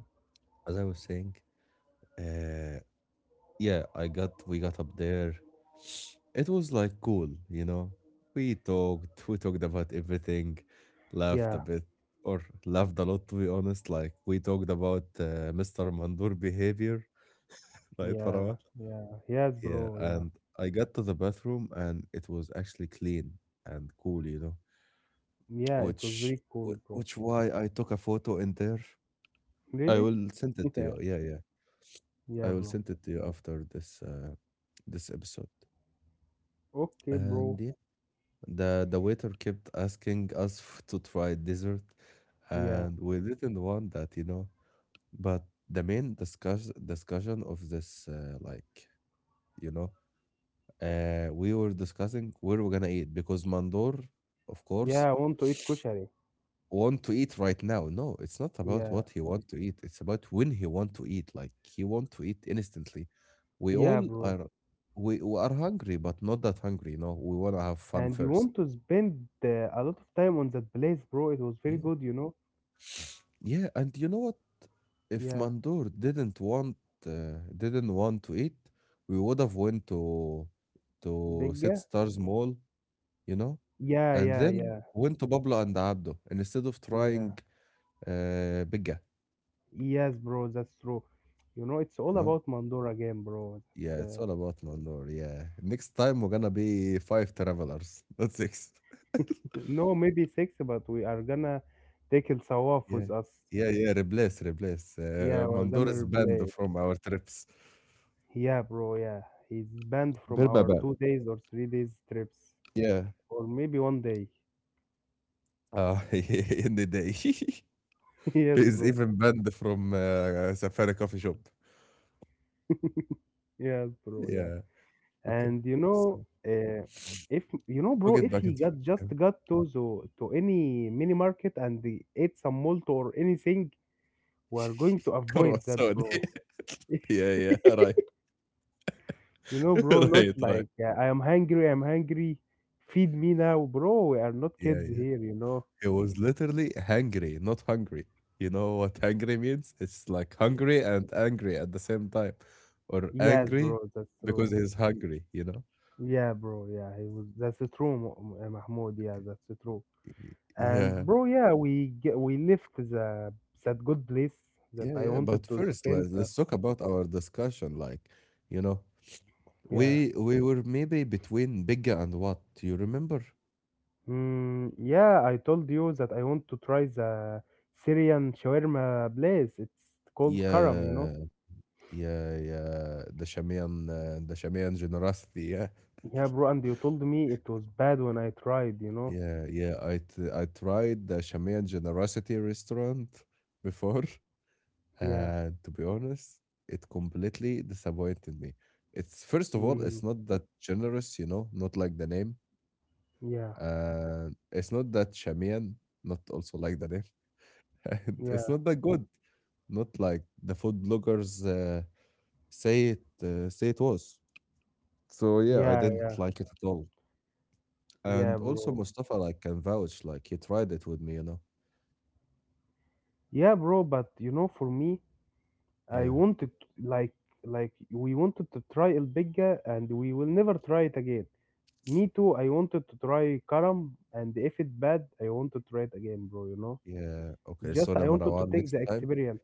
Speaker 1: as I was saying, uh, yeah, I got we got up there. It was like cool, you know. We talked about everything, laughed
Speaker 2: yeah,
Speaker 1: a bit, or laughed a lot to be honest. Like we talked about Mr. Mandur behavior, right,
Speaker 2: yeah,
Speaker 1: Farawat?
Speaker 2: yeah. Yes,
Speaker 1: Yeah,
Speaker 2: bro. Yeah,
Speaker 1: and I got to the bathroom and it was actually clean and cool, you know.
Speaker 2: yeah. It was
Speaker 1: Which
Speaker 2: very cool,
Speaker 1: wh-
Speaker 2: bro.
Speaker 1: which why I took a photo in there. I
Speaker 2: Really?
Speaker 1: will send it to you.
Speaker 2: Yeah,
Speaker 1: Yeah, yeah.
Speaker 2: yeah,
Speaker 1: I will
Speaker 2: bro.
Speaker 1: send it to you after this this episode.
Speaker 2: Okay, bro.
Speaker 1: And the waiter kept asking us to try dessert,
Speaker 2: Yeah,
Speaker 1: and we didn't want that, you know. But the main discussion of this, like you know, we were discussing where we're gonna eat because Mandor, of course,
Speaker 2: yeah. I want to eat kushari.
Speaker 1: want to eat right now. No, it's not about
Speaker 2: Yeah,
Speaker 1: what he want to eat. It's about when he want to eat. Like he want to eat instantly. We
Speaker 2: yeah,
Speaker 1: all
Speaker 2: bro.
Speaker 1: are we, we are hungry, but not that hungry. You know, we wanna have fun
Speaker 2: And you
Speaker 1: first.
Speaker 2: want to spend a lot of time on that place, bro. It was very
Speaker 1: Yeah.
Speaker 2: good, you know.
Speaker 1: Yeah, and you know what? If
Speaker 2: Yeah.
Speaker 1: Mandor didn't want to eat, we would have went to Set
Speaker 2: Bigger?
Speaker 1: Stars Mall, you know,
Speaker 2: Yeah,
Speaker 1: and
Speaker 2: yeah,
Speaker 1: then
Speaker 2: yeah,
Speaker 1: went to Pablo and Abdo, and instead of
Speaker 2: yeah.
Speaker 1: trying Bigga,
Speaker 2: Yes, bro, that's true. You know, it's all
Speaker 1: you know.
Speaker 2: about Mandora game, bro. That's
Speaker 1: Yeah, it's all about Mandor. Yeah, next time we're gonna be five travelers, not six.
Speaker 2: No, maybe six, but we are gonna take El Sawaf
Speaker 1: Yeah,
Speaker 2: with us.
Speaker 1: yeah, yeah. Replace, replace.
Speaker 2: Yeah, we're
Speaker 1: Mandor
Speaker 2: gonna
Speaker 1: is banned
Speaker 2: replay it.
Speaker 1: from our trips.
Speaker 2: Yeah, bro, yeah. He's banned from our
Speaker 1: Berbaba.
Speaker 2: 2 days or 3 days trips,
Speaker 1: Yeah.
Speaker 2: or maybe one day.
Speaker 1: In the day.
Speaker 2: Yes,
Speaker 1: Is
Speaker 2: bro.
Speaker 1: even banned from Safari coffee shop.
Speaker 2: Yes, bro. Yeah.
Speaker 1: Yeah, okay.
Speaker 2: And you know,
Speaker 1: So
Speaker 2: uh, if you know,
Speaker 1: took
Speaker 2: bro,
Speaker 1: it
Speaker 2: if
Speaker 1: back
Speaker 2: he
Speaker 1: and
Speaker 2: got just
Speaker 1: threw it.
Speaker 2: got to to any mini market and they ate some malt or anything, we're going to avoid that,
Speaker 1: Croissant.
Speaker 2: bro.
Speaker 1: Yeah, yeah, right.
Speaker 2: You know, bro,
Speaker 1: Right,
Speaker 2: not
Speaker 1: right.
Speaker 2: like I am hungry, I'm hungry, feed me now, bro. We are not
Speaker 1: Yeah,
Speaker 2: kids
Speaker 1: yeah.
Speaker 2: here, you know.
Speaker 1: He was literally hangry, not hungry. You know what hangry means? It's like
Speaker 2: Ye-
Speaker 1: hungry and angry at the same time. Or
Speaker 2: Yes,
Speaker 1: angry
Speaker 2: bro, that's true.
Speaker 1: because he's hungry, you know?
Speaker 2: Yeah, bro, yeah, he was. That's true, Mahmoud. Yeah, that's true. And
Speaker 1: Yeah,
Speaker 2: bro, yeah, we left the that good place that
Speaker 1: yeah,
Speaker 2: I
Speaker 1: yeah. But
Speaker 2: wanted to
Speaker 1: first,
Speaker 2: spend.
Speaker 1: let's talk about our discussion. Like, you know,
Speaker 2: Yeah.
Speaker 1: we were maybe between Bigga and what? You remember?
Speaker 2: Mm, yeah, I told you that I want to try the Syrian shawarma place. It's called Karam, you know?
Speaker 1: Yeah, yeah, yeah. The Shamian generosity. Yeah,
Speaker 2: Yeah, bro, and you told me it was bad when I tried, you know?
Speaker 1: yeah, yeah. I tried the Shamian generosity restaurant before,
Speaker 2: Yeah.
Speaker 1: and to be honest, it completely disappointed me. It's first of all, it's
Speaker 2: Mm,
Speaker 1: not that generous, you know, not like the name,
Speaker 2: yeah,
Speaker 1: and it's not that Shamian, not also like the name, and it's
Speaker 2: yeah,
Speaker 1: not that good. Not like the food bloggers say it was. So yeah, I
Speaker 2: yeah, yeah,
Speaker 1: didn't like it at all.
Speaker 2: yeah,
Speaker 1: And also
Speaker 2: bro.
Speaker 1: Mustafa like can vouch, like he tried it with me, you know.
Speaker 2: Yeah, bro, but you know, for me, I
Speaker 1: Yeah,
Speaker 2: wanted to- like we wanted to try El Bigga and we will never try it again. Me too, I wanted to try Karam and if it bad, I want to try it again, bro, you know?
Speaker 1: yeah. Okay,
Speaker 2: Just
Speaker 1: sorry,
Speaker 2: I wanted to
Speaker 1: Marwan.
Speaker 2: take
Speaker 1: Next
Speaker 2: the
Speaker 1: time,
Speaker 2: experience.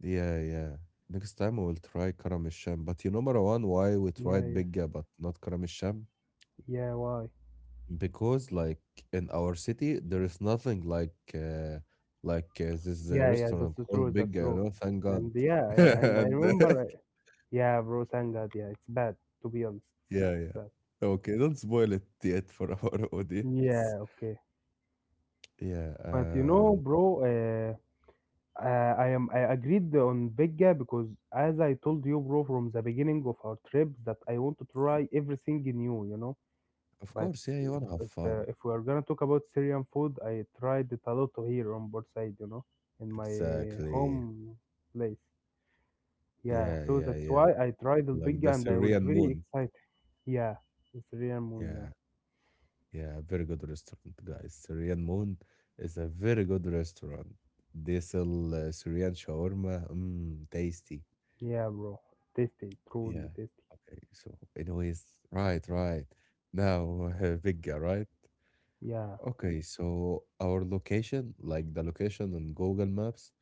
Speaker 1: yeah, yeah. Next time we will try Karamisham. But you know, Marwan, why we
Speaker 2: Yeah,
Speaker 1: tried
Speaker 2: yeah,
Speaker 1: Bigga but not Karamisham?
Speaker 2: yeah. Why?
Speaker 1: Because like in our city, there is nothing like this
Speaker 2: Yeah, yeah. That's
Speaker 1: restaurant called
Speaker 2: true. That's
Speaker 1: Bigga, you
Speaker 2: true.
Speaker 1: know. Thank God.
Speaker 2: And yeah, yeah. And I
Speaker 1: and
Speaker 2: remember. I- Yeah, bro. Thank God. Yeah, it's bad. To be honest,
Speaker 1: yeah,
Speaker 2: it's
Speaker 1: yeah.
Speaker 2: bad.
Speaker 1: Oh, okay, don't spoil it yet for our audience.
Speaker 2: Yeah. Okay.
Speaker 1: Yeah,
Speaker 2: But you know,
Speaker 1: and
Speaker 2: bro. I am. I agreed on Bigga because, as I told you, bro, from the beginning of our trip, that I want to try everything new. You know.
Speaker 1: of
Speaker 2: But
Speaker 1: course, yeah, you wanna have fun.
Speaker 2: if we are gonna talk about Syrian food, I tried it a lot here on both side. You know, in my
Speaker 1: Exactly.
Speaker 2: home place. Yeah,
Speaker 1: Yeah,
Speaker 2: so
Speaker 1: yeah,
Speaker 2: that's
Speaker 1: yeah.
Speaker 2: why I tried
Speaker 1: Like the
Speaker 2: Alpigga and I was
Speaker 1: Syrian
Speaker 2: very
Speaker 1: Moon.
Speaker 2: excited. Yeah, it's real moon, yeah.
Speaker 1: Yeah, yeah, very good restaurant, guys. Syrian Moon is a very good restaurant. They sell Syrian shawarma. Mmm, tasty.
Speaker 2: Yeah, bro. Tasty,
Speaker 1: Yeah.
Speaker 2: truly tasty.
Speaker 1: Okay, so anyways, right, right. Now, Vigga, right?
Speaker 2: Yeah,
Speaker 1: Okay, so our location, like the location on Google Maps,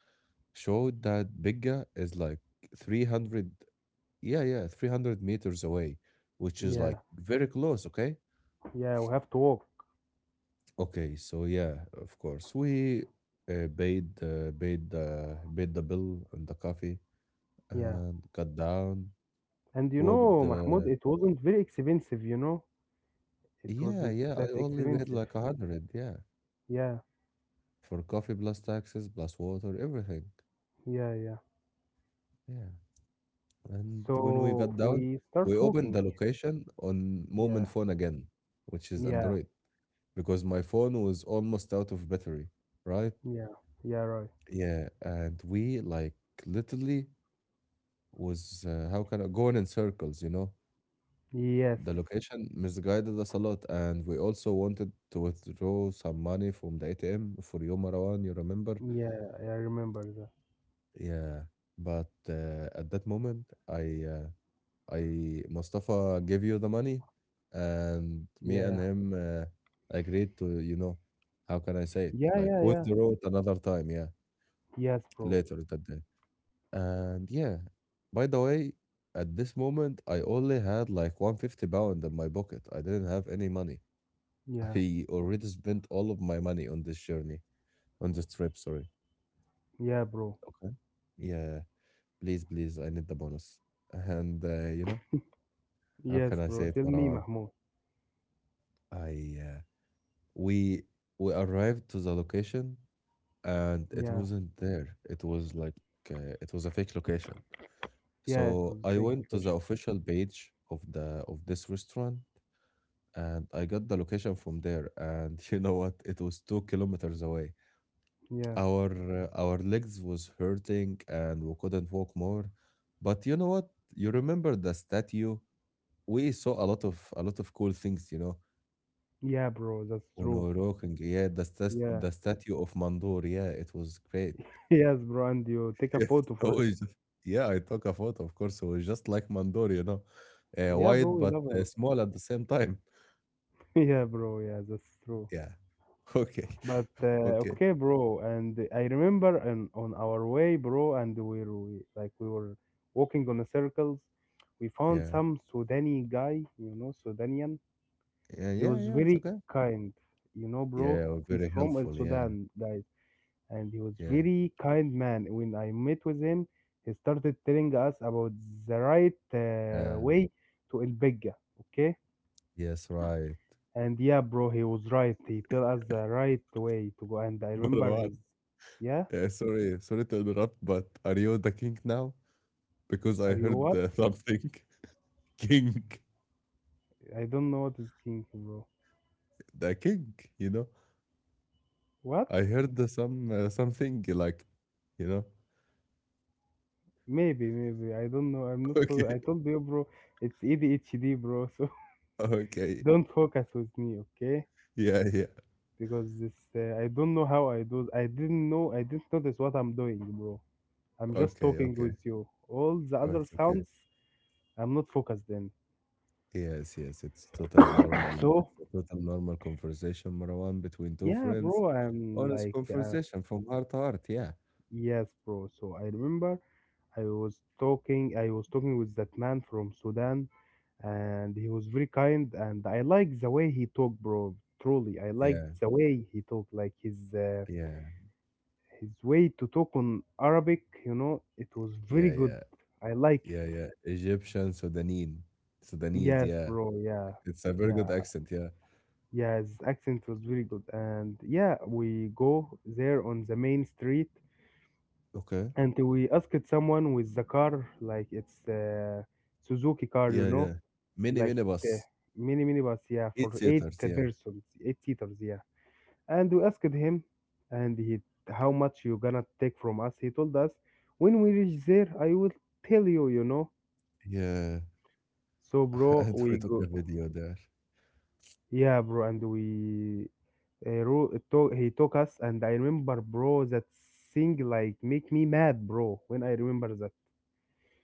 Speaker 1: showed that Bigga is like 300, yeah, yeah, 300 meters away, which is
Speaker 2: yeah,
Speaker 1: like very close, okay?
Speaker 2: yeah, we have to walk.
Speaker 1: Okay, so yeah, of course, we paid the bill and the coffee
Speaker 2: Yeah.
Speaker 1: and got down,
Speaker 2: And you
Speaker 1: walked
Speaker 2: know, Mahmoud,
Speaker 1: the,
Speaker 2: it wasn't very expensive, you know? It
Speaker 1: yeah,
Speaker 2: wasn't
Speaker 1: yeah, I
Speaker 2: that
Speaker 1: only paid
Speaker 2: expensive.
Speaker 1: like 100, yeah,
Speaker 2: Yeah,
Speaker 1: for coffee plus taxes plus water, everything,
Speaker 2: yeah, yeah.
Speaker 1: yeah. And when we
Speaker 2: So
Speaker 1: got down,
Speaker 2: we
Speaker 1: we
Speaker 2: start
Speaker 1: opened the
Speaker 2: walking.
Speaker 1: location on Moment
Speaker 2: Yeah,
Speaker 1: phone again, which is
Speaker 2: yeah,
Speaker 1: Android, because my phone was almost out of battery, right?
Speaker 2: yeah, yeah, right.
Speaker 1: Yeah, and we like literally was how can I going in circles, you know?
Speaker 2: Yes,
Speaker 1: The location misguided us a lot, and we also wanted to withdraw some money from the ATM for you, Marwan, you remember?
Speaker 2: yeah, I remember that.
Speaker 1: Yeah, but at that moment, I Mustafa gave you the money, and me and
Speaker 2: Yeah,
Speaker 1: him agreed to, you know, how can I say it?
Speaker 2: yeah,
Speaker 1: Like
Speaker 2: yeah, yeah.
Speaker 1: withdraw it another time, yeah,
Speaker 2: Yes, bro.
Speaker 1: later that day. And yeah, by the way, at this moment, I only had like 150 pounds in my pocket. I didn't have any money.
Speaker 2: Yeah,
Speaker 1: I already spent all of my money on this journey, on this trip, sorry.
Speaker 2: yeah, bro.
Speaker 1: Okay. Yeah, please, please, I need the bonus. And you know, how can
Speaker 2: Yes,
Speaker 1: I
Speaker 2: bro.
Speaker 1: say it,
Speaker 2: Tell me,
Speaker 1: Marwan?
Speaker 2: Mahmoud.
Speaker 1: I we we arrived to the location, and it
Speaker 2: Yeah,
Speaker 1: wasn't there. It was like it was a fake location.
Speaker 2: yeah, it
Speaker 1: So
Speaker 2: was
Speaker 1: I
Speaker 2: fake
Speaker 1: went to the
Speaker 2: question.
Speaker 1: official page of the of this restaurant, and I got the location from there, and you know what, it was 2 kilometers away.
Speaker 2: Yeah,
Speaker 1: our our legs was hurting and we couldn't walk more. But you know what, you remember the statue? We saw a lot of cool things, you know.
Speaker 2: yeah, bro. That's
Speaker 1: When we
Speaker 2: true.
Speaker 1: were walking, yeah, the stas
Speaker 2: Yeah,
Speaker 1: the statue of Mandur, yeah, it was great.
Speaker 2: yes, bro. And you take a
Speaker 1: Yes,
Speaker 2: photo
Speaker 1: I
Speaker 2: for it.
Speaker 1: was, yeah, I took a photo, of course. It was just like Mandur, you know,
Speaker 2: Yeah, bro.
Speaker 1: wide
Speaker 2: We
Speaker 1: but
Speaker 2: love him.
Speaker 1: small at the same time.
Speaker 2: Yeah, bro. Yeah, that's true.
Speaker 1: Yeah, okay,
Speaker 2: But
Speaker 1: okay,
Speaker 2: okay, bro. And I remember and on our way, bro, and like we were walking on the circles. We found
Speaker 1: yeah,
Speaker 2: some Sudani guy, you know, Sudanian.
Speaker 1: yeah,
Speaker 2: He
Speaker 1: yeah,
Speaker 2: was
Speaker 1: yeah, it's
Speaker 2: very
Speaker 1: okay.
Speaker 2: kind, you know, bro.
Speaker 1: Yeah, we're
Speaker 2: He's
Speaker 1: very
Speaker 2: from El
Speaker 1: helpful, yeah,
Speaker 2: Sudan, guys. And he was
Speaker 1: yeah,
Speaker 2: very kind man. When I met with him, he started telling us about the right
Speaker 1: yeah,
Speaker 2: way to El Bega, okay?
Speaker 1: yes, right.
Speaker 2: And yeah, bro, he was right. He tell us the right way to go. And I remember
Speaker 1: Marwan,
Speaker 2: his, Yeah,
Speaker 1: sorry to interrupt, but are you the king now? Because
Speaker 2: are
Speaker 1: I
Speaker 2: you
Speaker 1: heard
Speaker 2: what?
Speaker 1: something. King,
Speaker 2: I don't know what is king, bro.
Speaker 1: the king, you know?
Speaker 2: What?
Speaker 1: I heard the something like, you know.
Speaker 2: Maybe, maybe. I don't know. I'm not. Fo-
Speaker 1: Okay,
Speaker 2: I told you, bro. It's ADHD, bro. So
Speaker 1: okay,
Speaker 2: don't focus with me, okay?
Speaker 1: yeah, yeah.
Speaker 2: Because this, I don't know how I do. I didn't know. I didn't notice what I'm doing, bro. I'm just
Speaker 1: Okay,
Speaker 2: talking
Speaker 1: okay.
Speaker 2: with you. All the
Speaker 1: Oh,
Speaker 2: other
Speaker 1: it's okay.
Speaker 2: sounds, I'm not focused in.
Speaker 1: Yes, yes. It's totally normal.
Speaker 2: So,
Speaker 1: It's a total normal conversation, Marwan, between two
Speaker 2: yeah,
Speaker 1: friends.
Speaker 2: bro,
Speaker 1: Honest conversation from heart to heart. Yeah,
Speaker 2: yes, bro. So I remember I was talking with that man from Sudan, and he was very kind, and I like the way he talked, bro. Truly, I liked
Speaker 1: yeah,
Speaker 2: the way he talked, like
Speaker 1: yeah,
Speaker 2: his way to talk on Arabic. You know, it was very
Speaker 1: yeah,
Speaker 2: good.
Speaker 1: yeah,
Speaker 2: I
Speaker 1: yeah,
Speaker 2: liked.
Speaker 1: yeah. Egyptian, Sudanese, Sudanese.
Speaker 2: Yes,
Speaker 1: Yeah,
Speaker 2: bro. Yeah,
Speaker 1: it's a very good
Speaker 2: yeah.
Speaker 1: accent. Yeah.
Speaker 2: Yeah, his accent was very good. And yeah, we go there on the main street
Speaker 1: Okay.
Speaker 2: and we asked someone with the car, like it's Suzuki car, you
Speaker 1: Yeah,
Speaker 2: know,
Speaker 1: yeah. Mini
Speaker 2: like the
Speaker 1: minibus,
Speaker 2: mini minibus, yeah,
Speaker 1: eight
Speaker 2: for eight
Speaker 1: seaters. Yeah,
Speaker 2: persons, eight seaters, yeah. And we asked him, and he, how much you gonna take from us? He told us, when we reach there, I will tell you, you know.
Speaker 1: yeah.
Speaker 2: So, bro,
Speaker 1: And we
Speaker 2: we
Speaker 1: took a
Speaker 2: go,
Speaker 1: video there.
Speaker 2: yeah, bro, and we it took, he took us, and I remember, bro, that thing like make me mad, bro. When I remember that,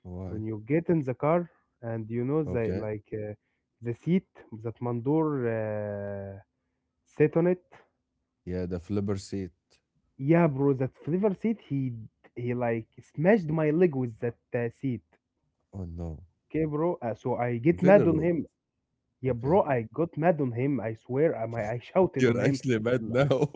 Speaker 1: Why?
Speaker 2: when you get in the car and you know the
Speaker 1: Okay.
Speaker 2: like the seat that Mandur uh, sat on it,
Speaker 1: Yeah, the flipper seat.
Speaker 2: yeah, bro, that flavor seat, he like smashed my leg with that seat.
Speaker 1: Oh no.
Speaker 2: Okay, bro. So I get
Speaker 1: Very
Speaker 2: mad on
Speaker 1: rude.
Speaker 2: him. Yeah,
Speaker 1: Okay.
Speaker 2: bro, I got mad on him. I swear, I shouted
Speaker 1: You're
Speaker 2: on him.
Speaker 1: actually mad now.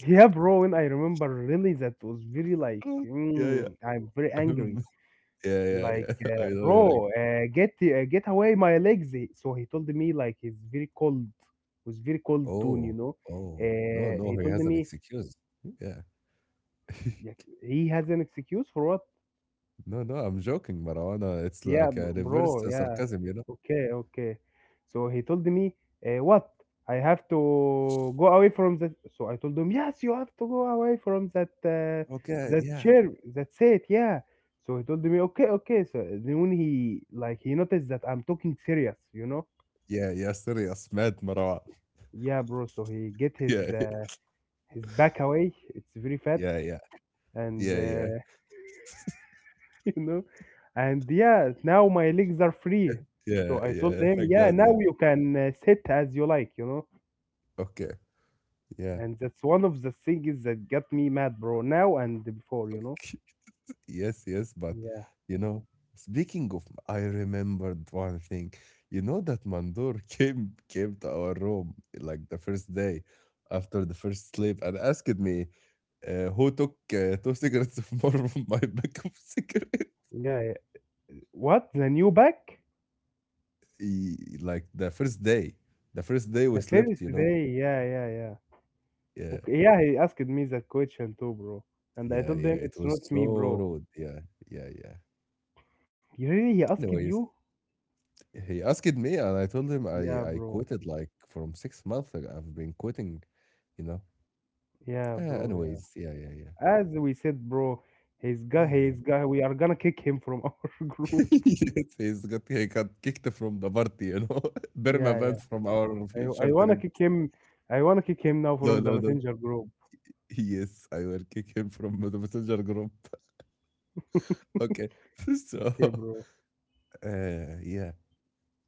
Speaker 2: Yeah, bro, when I remember really that was very like
Speaker 1: yeah, yeah.
Speaker 2: mm, I'm very
Speaker 1: Um,
Speaker 2: angry.
Speaker 1: yeah, yeah,
Speaker 2: Like,
Speaker 1: yeah. I know you're like,
Speaker 2: bro, get away my legs. So he told me like he's very cold, was very cold tone, you
Speaker 1: oh,
Speaker 2: know.
Speaker 1: oh, no, no,
Speaker 2: He
Speaker 1: he
Speaker 2: told
Speaker 1: has an
Speaker 2: me
Speaker 1: excuse. Yeah.
Speaker 2: like, he has an excuse for what?
Speaker 1: No, no, I'm joking, Marwana. It's
Speaker 2: Yeah,
Speaker 1: like a reverse
Speaker 2: bro, yeah.
Speaker 1: sarcasm, you know?
Speaker 2: Okay, okay. So he told me, what? I have to go away from that. So I told him, yes, you have to go away from that
Speaker 1: Okay,
Speaker 2: that
Speaker 1: yeah.
Speaker 2: chair. That's it, yeah. So he told me, okay, okay. So then when he like he noticed that I'm talking serious, you know?
Speaker 1: Yeah, yeah, serious, mad Marwan.
Speaker 2: Yeah, bro. So he get
Speaker 1: Yeah,
Speaker 2: his back away. It's very fat,
Speaker 1: yeah, yeah,
Speaker 2: and
Speaker 1: yeah, yeah,
Speaker 2: you know, and yeah. Now my legs are free. So
Speaker 1: yeah,
Speaker 2: I told
Speaker 1: yeah.
Speaker 2: him,
Speaker 1: Thank
Speaker 2: yeah,
Speaker 1: God,
Speaker 2: now
Speaker 1: yeah.
Speaker 2: you can sit as you like, you know.
Speaker 1: Okay, yeah.
Speaker 2: And that's one of the things that got me mad, bro. Now and before, you know.
Speaker 1: Okay. Yes, yes, but
Speaker 2: Yeah,
Speaker 1: you know, speaking of, I remembered one thing. You know that Mandur came to our room like the first day after the first sleep, and asked me who took two cigarettes of more from my pack of cigarettes.
Speaker 2: yeah. Yeah. What the new back?
Speaker 1: Like the first day we
Speaker 2: The
Speaker 1: slept,
Speaker 2: first
Speaker 1: you know.
Speaker 2: day, yeah, yeah, yeah.
Speaker 1: Yeah,
Speaker 2: Okay, yeah. He asked me that question too, bro. And I
Speaker 1: yeah,
Speaker 2: told
Speaker 1: yeah.
Speaker 2: him
Speaker 1: It
Speaker 2: it's
Speaker 1: was
Speaker 2: not me,
Speaker 1: so
Speaker 2: bro.
Speaker 1: rude. Yeah, yeah, yeah.
Speaker 2: You really, he asked
Speaker 1: Anyways,
Speaker 2: you?
Speaker 1: he asked me, and I told him
Speaker 2: Yeah,
Speaker 1: I quit
Speaker 2: bro.
Speaker 1: it like from 6 months. Ago. I've been quitting, you know.
Speaker 2: Yeah,
Speaker 1: Ah,
Speaker 2: bro. Yeah.
Speaker 1: anyways, yeah, yeah, yeah.
Speaker 2: As we said, bro,
Speaker 1: Yeah, yeah.
Speaker 2: he's got. We are gonna kick him from our group.
Speaker 1: Yes, he got kicked from the party, you know. Burma
Speaker 2: Yeah, yeah.
Speaker 1: banned from our
Speaker 2: I, I
Speaker 1: future
Speaker 2: wanna
Speaker 1: trip.
Speaker 2: kick him. I wanna kick him now
Speaker 1: No,
Speaker 2: from the
Speaker 1: no, no.
Speaker 2: messenger group.
Speaker 1: Yes, I will kick him from the messenger group. Okay. So,
Speaker 2: Okay, bro.
Speaker 1: yeah.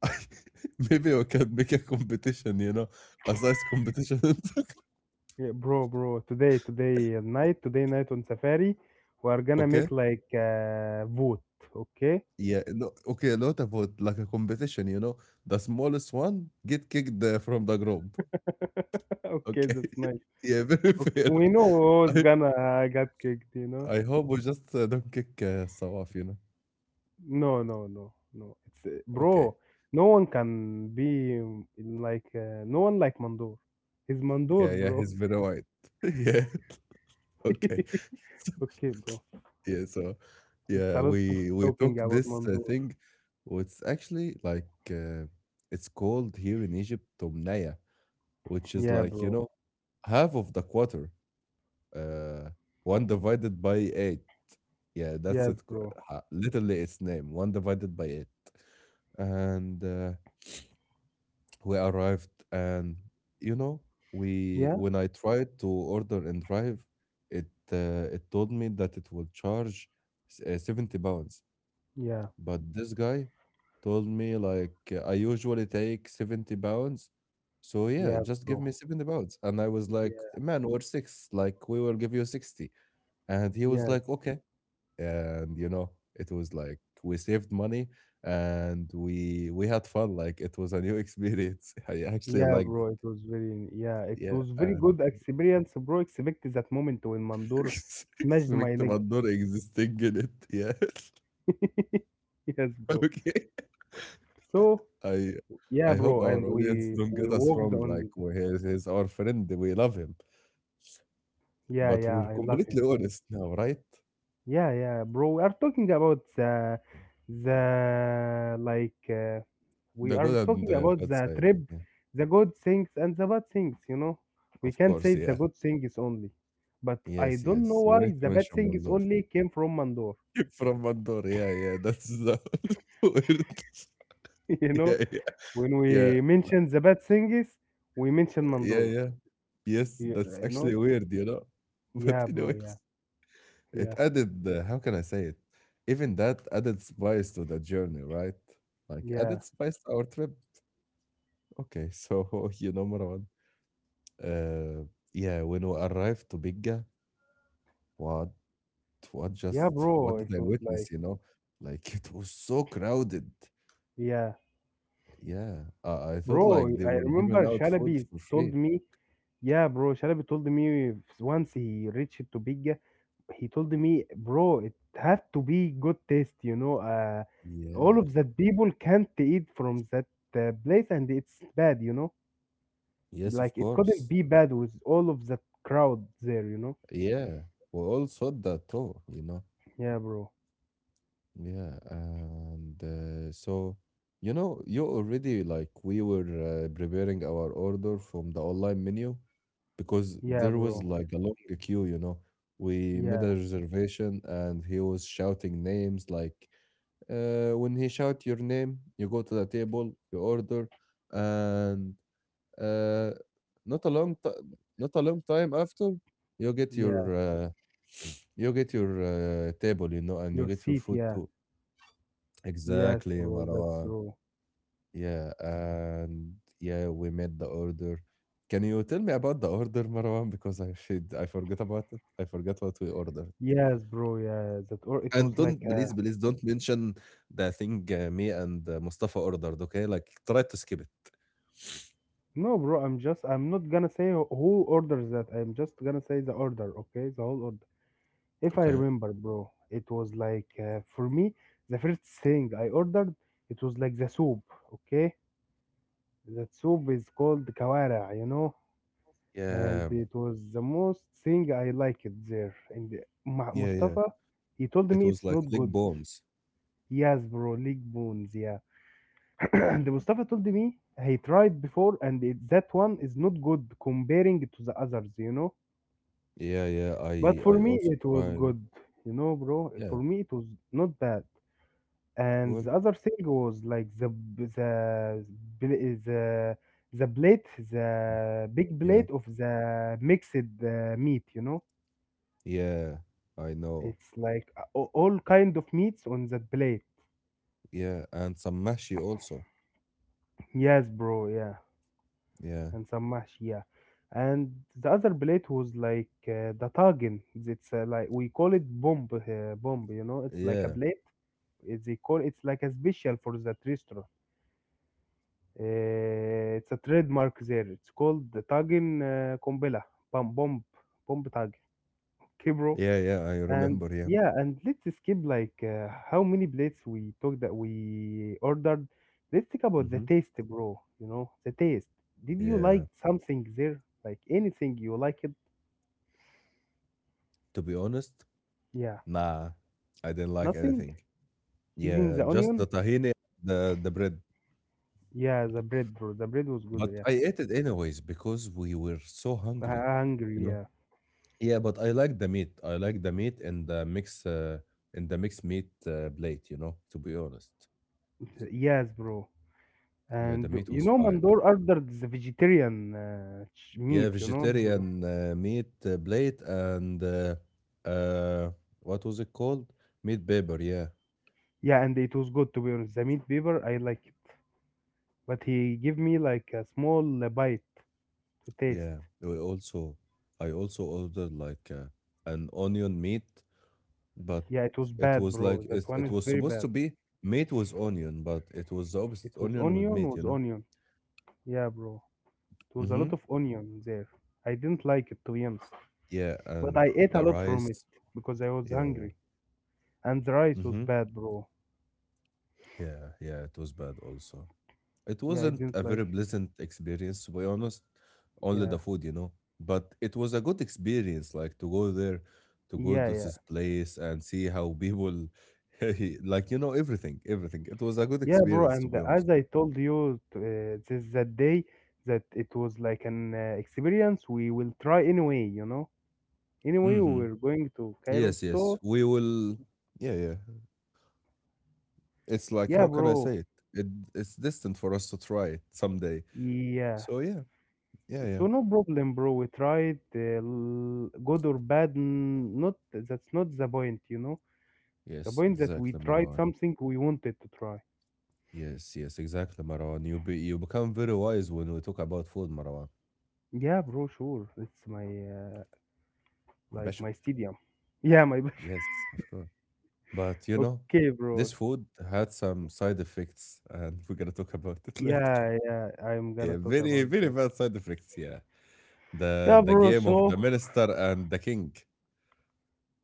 Speaker 1: Maybe we can make a competition, you know, a size competition.
Speaker 2: Yeah, bro, today night on Safari, we are gonna
Speaker 1: Okay.
Speaker 2: make like a vote, okay?
Speaker 1: Yeah. No, okay. A lot about like a competition, you know, the smallest one get kicked from the group.
Speaker 2: Okay,
Speaker 1: Okay.
Speaker 2: that's nice.
Speaker 1: Yeah, very
Speaker 2: Okay,
Speaker 1: fair.
Speaker 2: we know who's
Speaker 1: I
Speaker 2: gonna get kicked, you know?
Speaker 1: I hope we just don't kick Sawaf, you know?
Speaker 2: No, no, no, no, It's
Speaker 1: Okay.
Speaker 2: bro. No one can be like no one like Mandor. He's Mandor,
Speaker 1: Yeah, yeah,
Speaker 2: bro.
Speaker 1: he's very white. Yeah, okay. So
Speaker 2: Okay, bro.
Speaker 1: yeah, so,
Speaker 2: It's a
Speaker 1: yeah,
Speaker 2: lot of
Speaker 1: we
Speaker 2: talking
Speaker 1: took
Speaker 2: about
Speaker 1: this
Speaker 2: Mandor.
Speaker 1: thing. It's actually like it's called here in Egypt Tomnaya, which is
Speaker 2: Yeah,
Speaker 1: like, you
Speaker 2: bro.
Speaker 1: know, half of the quarter, uh, one divided by eight. Yeah, that's
Speaker 2: Yes,
Speaker 1: it.
Speaker 2: bro.
Speaker 1: Literally its name, one divided by eight. And we arrived. And you know, we
Speaker 2: Yeah,
Speaker 1: when I tried to order and drive it, it told me that it will charge 70 pounds.
Speaker 2: yeah,
Speaker 1: But this guy told me, like, I usually take 70 pounds, so yeah,
Speaker 2: yeah,
Speaker 1: just give
Speaker 2: bro.
Speaker 1: me 70 pounds. And I was
Speaker 2: Yeah,
Speaker 1: like, "Man or six, like, we will give you 60." And he was
Speaker 2: yes.
Speaker 1: like, "Okay." And you know, it was like we saved money and we had fun. Like it was a new experience. I actually
Speaker 2: Yeah,
Speaker 1: liked it.
Speaker 2: bro, it was very yeah, it
Speaker 1: Yeah.
Speaker 2: was very
Speaker 1: And
Speaker 2: good experience, bro. Except that moment when Mandor smashed my
Speaker 1: expect
Speaker 2: leg.
Speaker 1: not existing in it, yeah.
Speaker 2: Yes, bro.
Speaker 1: Okay,
Speaker 2: So
Speaker 1: i
Speaker 2: yeah,
Speaker 1: I hope
Speaker 2: bro, and
Speaker 1: our audience
Speaker 2: we
Speaker 1: don't
Speaker 2: we
Speaker 1: get us
Speaker 2: walked
Speaker 1: wrong.
Speaker 2: on.
Speaker 1: Like he's our friend, we love him,
Speaker 2: Yeah,
Speaker 1: but
Speaker 2: yeah,
Speaker 1: we're
Speaker 2: I love him.
Speaker 1: completely honest now, right?
Speaker 2: Yeah, yeah, bro. We are talking about the like we
Speaker 1: The
Speaker 2: are
Speaker 1: good and
Speaker 2: talking
Speaker 1: the
Speaker 2: about
Speaker 1: bad
Speaker 2: the
Speaker 1: side,
Speaker 2: trip,
Speaker 1: yeah.
Speaker 2: the good things and the bad things. You know, we
Speaker 1: Of
Speaker 2: can
Speaker 1: course,
Speaker 2: say the
Speaker 1: yeah.
Speaker 2: good things only, but I
Speaker 1: Yes,
Speaker 2: don't
Speaker 1: yes,
Speaker 2: know
Speaker 1: we need
Speaker 2: why
Speaker 1: to
Speaker 2: the bad
Speaker 1: mention
Speaker 2: things
Speaker 1: Mandor.
Speaker 2: only came from Mandor.
Speaker 1: From one door. Yeah, yeah. That's the weird.
Speaker 2: You know.
Speaker 1: Yeah, yeah,
Speaker 2: When
Speaker 1: yeah,
Speaker 2: we mention the bad things, we mention
Speaker 1: yeah,
Speaker 2: Mandor.
Speaker 1: yeah. Yes,
Speaker 2: You,
Speaker 1: that's
Speaker 2: you
Speaker 1: actually
Speaker 2: know?
Speaker 1: weird, you know. But
Speaker 2: Yeah, bro. Yeah,
Speaker 1: anyways, it
Speaker 2: yeah,
Speaker 1: added. How can I say it? Even that added spice to the journey, right? Like
Speaker 2: yeah,
Speaker 1: added spice to our trip. Okay, so you know, Marwan. Uh, yeah, when we arrived to Bigga, what,
Speaker 2: yeah,
Speaker 1: what
Speaker 2: bro. It
Speaker 1: did I
Speaker 2: was
Speaker 1: witness?
Speaker 2: like,
Speaker 1: You know, like it was so crowded.
Speaker 2: yeah,
Speaker 1: Yeah, I thought
Speaker 2: bro.
Speaker 1: like they
Speaker 2: I
Speaker 1: were giving
Speaker 2: remember
Speaker 1: out food
Speaker 2: Shalabi
Speaker 1: for
Speaker 2: told
Speaker 1: free.
Speaker 2: me, yeah, bro. Shalabi told me once he reached to Bigga, he told me, bro, it have to be good taste, you know. All
Speaker 1: Yeah.
Speaker 2: of that people can't eat from that place, and it's bad, you know.
Speaker 1: Yes, of
Speaker 2: Like it couldn't
Speaker 1: course.
Speaker 2: be bad with all of that crowd there, you know.
Speaker 1: Yeah. We all saw that too, you know.
Speaker 2: Yeah, bro.
Speaker 1: Yeah. And so, you know, you already, like, we were preparing our order from the online menu because
Speaker 2: Yeah,
Speaker 1: there was
Speaker 2: bro.
Speaker 1: like a long queue, you know. We made
Speaker 2: Yeah,
Speaker 1: a reservation and he was shouting names, like, when he shout your name, you go to the table, you order, and Uh, not a long ti not a long time after, you get your,
Speaker 2: yeah.
Speaker 1: you get your, table, you know, and you
Speaker 2: Your
Speaker 1: get your
Speaker 2: seat,
Speaker 1: food
Speaker 2: yeah.
Speaker 1: too.
Speaker 2: Yes,
Speaker 1: Exactly,
Speaker 2: bro, that's
Speaker 1: Marwan.
Speaker 2: true.
Speaker 1: Yeah, and yeah, we made the order. Can you tell me about the order, Marwan? Because I forget about it. I forgot what we ordered.
Speaker 2: Yes, bro, yeah. That or it
Speaker 1: And
Speaker 2: was
Speaker 1: don't,
Speaker 2: like
Speaker 1: please, please don't mention the thing me and Mustafa ordered, okay? Like, try to skip it,
Speaker 2: no, bro, I'm not gonna say who orders that. I'm just gonna say the order, okay? The whole order. If I
Speaker 1: okay?
Speaker 2: remember, bro, it was like for me the first thing I ordered it was like the soup, okay? That soup is called kawara, you know?
Speaker 1: Yeah,
Speaker 2: And it was the most thing I liked there. And
Speaker 1: yeah, yeah.
Speaker 2: Mustafa, he told
Speaker 1: It
Speaker 2: me
Speaker 1: was
Speaker 2: it's
Speaker 1: like
Speaker 2: not
Speaker 1: leg
Speaker 2: good.
Speaker 1: bones.
Speaker 2: Yes, bro, leg bones, yeah. And Mustafa told me he tried before, and it, that one is not good comparing it to the others, you know.
Speaker 1: Yeah, yeah,
Speaker 2: But for
Speaker 1: I
Speaker 2: me,
Speaker 1: also
Speaker 2: it was
Speaker 1: try.
Speaker 2: good, you know, bro.
Speaker 1: Yeah,
Speaker 2: For me, it was not bad. And
Speaker 1: well,
Speaker 2: the other thing was like bl- the the plate, the big
Speaker 1: yeah,
Speaker 2: plate of the mixed meat, you know.
Speaker 1: yeah, I know.
Speaker 2: It's like all kind of meats on that plate.
Speaker 1: Yeah, and some mashi also.
Speaker 2: Yes, bro. Yeah.
Speaker 1: Yeah,
Speaker 2: And some mashia. And the other plate was like the tagin. It's like we call it bomb, bomb. You know, it's like a
Speaker 1: yeah,
Speaker 2: plate. It's they call it's like a special for that restaurant. It's a trademark there. It's called the tagin kombela, bomb, bomb, bomb tag. Okay, bro.
Speaker 1: yeah, yeah, I
Speaker 2: And
Speaker 1: remember. Yeah.
Speaker 2: yeah, and let's skip like how many plates we took that we ordered. Let's talk about the
Speaker 1: Mm-hmm.
Speaker 2: taste, bro. You know, the taste. Did you
Speaker 1: Yeah,
Speaker 2: like something there? Like anything you like it?
Speaker 1: to be honest,
Speaker 2: Yeah.
Speaker 1: nah, I didn't like
Speaker 2: Nothing?
Speaker 1: anything.
Speaker 2: Even
Speaker 1: Yeah,
Speaker 2: the
Speaker 1: just
Speaker 2: onion?
Speaker 1: the tahini, the bread.
Speaker 2: Yeah, the bread, bro. The bread was good,
Speaker 1: But
Speaker 2: yeah.
Speaker 1: I ate it anyways because we were so
Speaker 2: I-
Speaker 1: hungry, you
Speaker 2: Hungry,
Speaker 1: know.
Speaker 2: yeah.
Speaker 1: Yeah, but I like the meat. I like the meat and the mix, in the mixed meat plate, you know, to be honest.
Speaker 2: Yes, bro.
Speaker 1: Yeah, the
Speaker 2: And
Speaker 1: meat
Speaker 2: you
Speaker 1: was
Speaker 2: know,
Speaker 1: fine.
Speaker 2: Mandor ordered the vegetarian
Speaker 1: Yeah,
Speaker 2: meat, you know?
Speaker 1: vegetarian meat plate and uh, what was it called? Meat paper. Yeah,
Speaker 2: Yeah, and it was good to be honest. The meat beaver, I like it. But he gave me like a small bite to
Speaker 1: yeah.
Speaker 2: taste.
Speaker 1: We also, I also ordered like an onion meat, but
Speaker 2: Yeah, it was bad, bro. That one
Speaker 1: it
Speaker 2: is
Speaker 1: was
Speaker 2: very
Speaker 1: supposed
Speaker 2: bad.
Speaker 1: to be meat with onion, but it was the
Speaker 2: It
Speaker 1: opposite,
Speaker 2: was
Speaker 1: onion with
Speaker 2: onion,
Speaker 1: meat. You
Speaker 2: was
Speaker 1: know?
Speaker 2: onion. Yeah, bro. It was a
Speaker 1: Mm-hmm.
Speaker 2: lot of onion there. I didn't like it, to be honest.
Speaker 1: Yeah,
Speaker 2: But
Speaker 1: and
Speaker 2: I ate a
Speaker 1: the
Speaker 2: lot from it
Speaker 1: rice.
Speaker 2: because I was
Speaker 1: Yeah, yeah.
Speaker 2: hungry. And the rice was
Speaker 1: Mm-hmm.
Speaker 2: bad, bro.
Speaker 1: Yeah, yeah. It was bad also. It
Speaker 2: Yeah, I
Speaker 1: wasn't
Speaker 2: didn't
Speaker 1: a very
Speaker 2: like
Speaker 1: pleasant experience, to be honest. Only
Speaker 2: Yeah,
Speaker 1: the food, you know. But it was a good experience, like to go there, to go
Speaker 2: yeah,
Speaker 1: to
Speaker 2: yeah.
Speaker 1: this place and see how people, like, you know, everything, everything. It was a good
Speaker 2: Yeah, bro.
Speaker 1: experience, to
Speaker 2: And
Speaker 1: be honest.
Speaker 2: as I told you this that day, that it was like an experience we will try anyway, you know? Anyway, we
Speaker 1: Mm-hmm.
Speaker 2: were going to Cairo.
Speaker 1: Yes, yes,
Speaker 2: So,
Speaker 1: we will. Yeah, yeah. It's like,
Speaker 2: yeah,
Speaker 1: how can I
Speaker 2: bro.
Speaker 1: say it? It's distant for us to try it someday.
Speaker 2: Yeah.
Speaker 1: So, yeah, yeah, yeah.
Speaker 2: So no problem, bro. We tried good or bad. Not that's not the point, you know. The
Speaker 1: Yes,
Speaker 2: point that we
Speaker 1: exactly,
Speaker 2: tried
Speaker 1: Marwan.
Speaker 2: something we wanted to try.
Speaker 1: Yes, yes, exactly, Marwan. You become very wise when we talk about food, Marwan.
Speaker 2: Yeah, bro. Sure, it's my like
Speaker 1: Passion.
Speaker 2: my stadium. Yeah, my.
Speaker 1: Yes, of course. But you know,
Speaker 2: Okay,
Speaker 1: this
Speaker 2: bro.
Speaker 1: food had some side effects, and we're gonna talk about it later.
Speaker 2: Yeah, yeah. I'm gonna
Speaker 1: Yeah,
Speaker 2: talk
Speaker 1: very,
Speaker 2: about
Speaker 1: very
Speaker 2: that.
Speaker 1: bad side effects. Yeah,
Speaker 2: Yeah,
Speaker 1: the
Speaker 2: bro.
Speaker 1: game of the
Speaker 2: So
Speaker 1: minister and the king.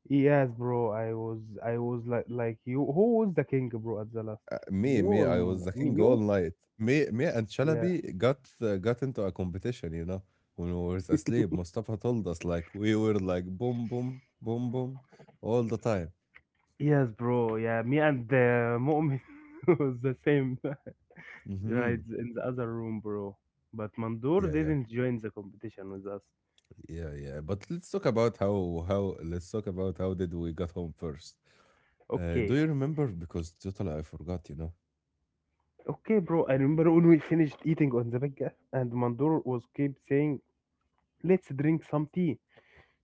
Speaker 2: yes, bro. I was like you. Who was the king, bro? At the last, you
Speaker 1: Me,
Speaker 2: or
Speaker 1: I was the
Speaker 2: me?
Speaker 1: king all
Speaker 2: You?
Speaker 1: night. And
Speaker 2: Yeah.
Speaker 1: Chalabi got into a competition. You know, when we were asleep, Mustafa told us like we were like boom, boom, boom, boom all the time.
Speaker 2: Yes, bro. Yeah, me and the Mu'min was the same
Speaker 1: Mm-hmm.
Speaker 2: rides in the other room, bro. But Mandur
Speaker 1: Yeah, yeah.
Speaker 2: didn't join the competition with us.
Speaker 1: Yeah, yeah. But let's talk about how let's talk about how did we got home first. Do you
Speaker 2: Okay.
Speaker 1: remember? Because totally I forgot, you know.
Speaker 2: Okay, bro. I remember when we finished eating on the bagga and Mandur was keep saying, "Let's drink some tea."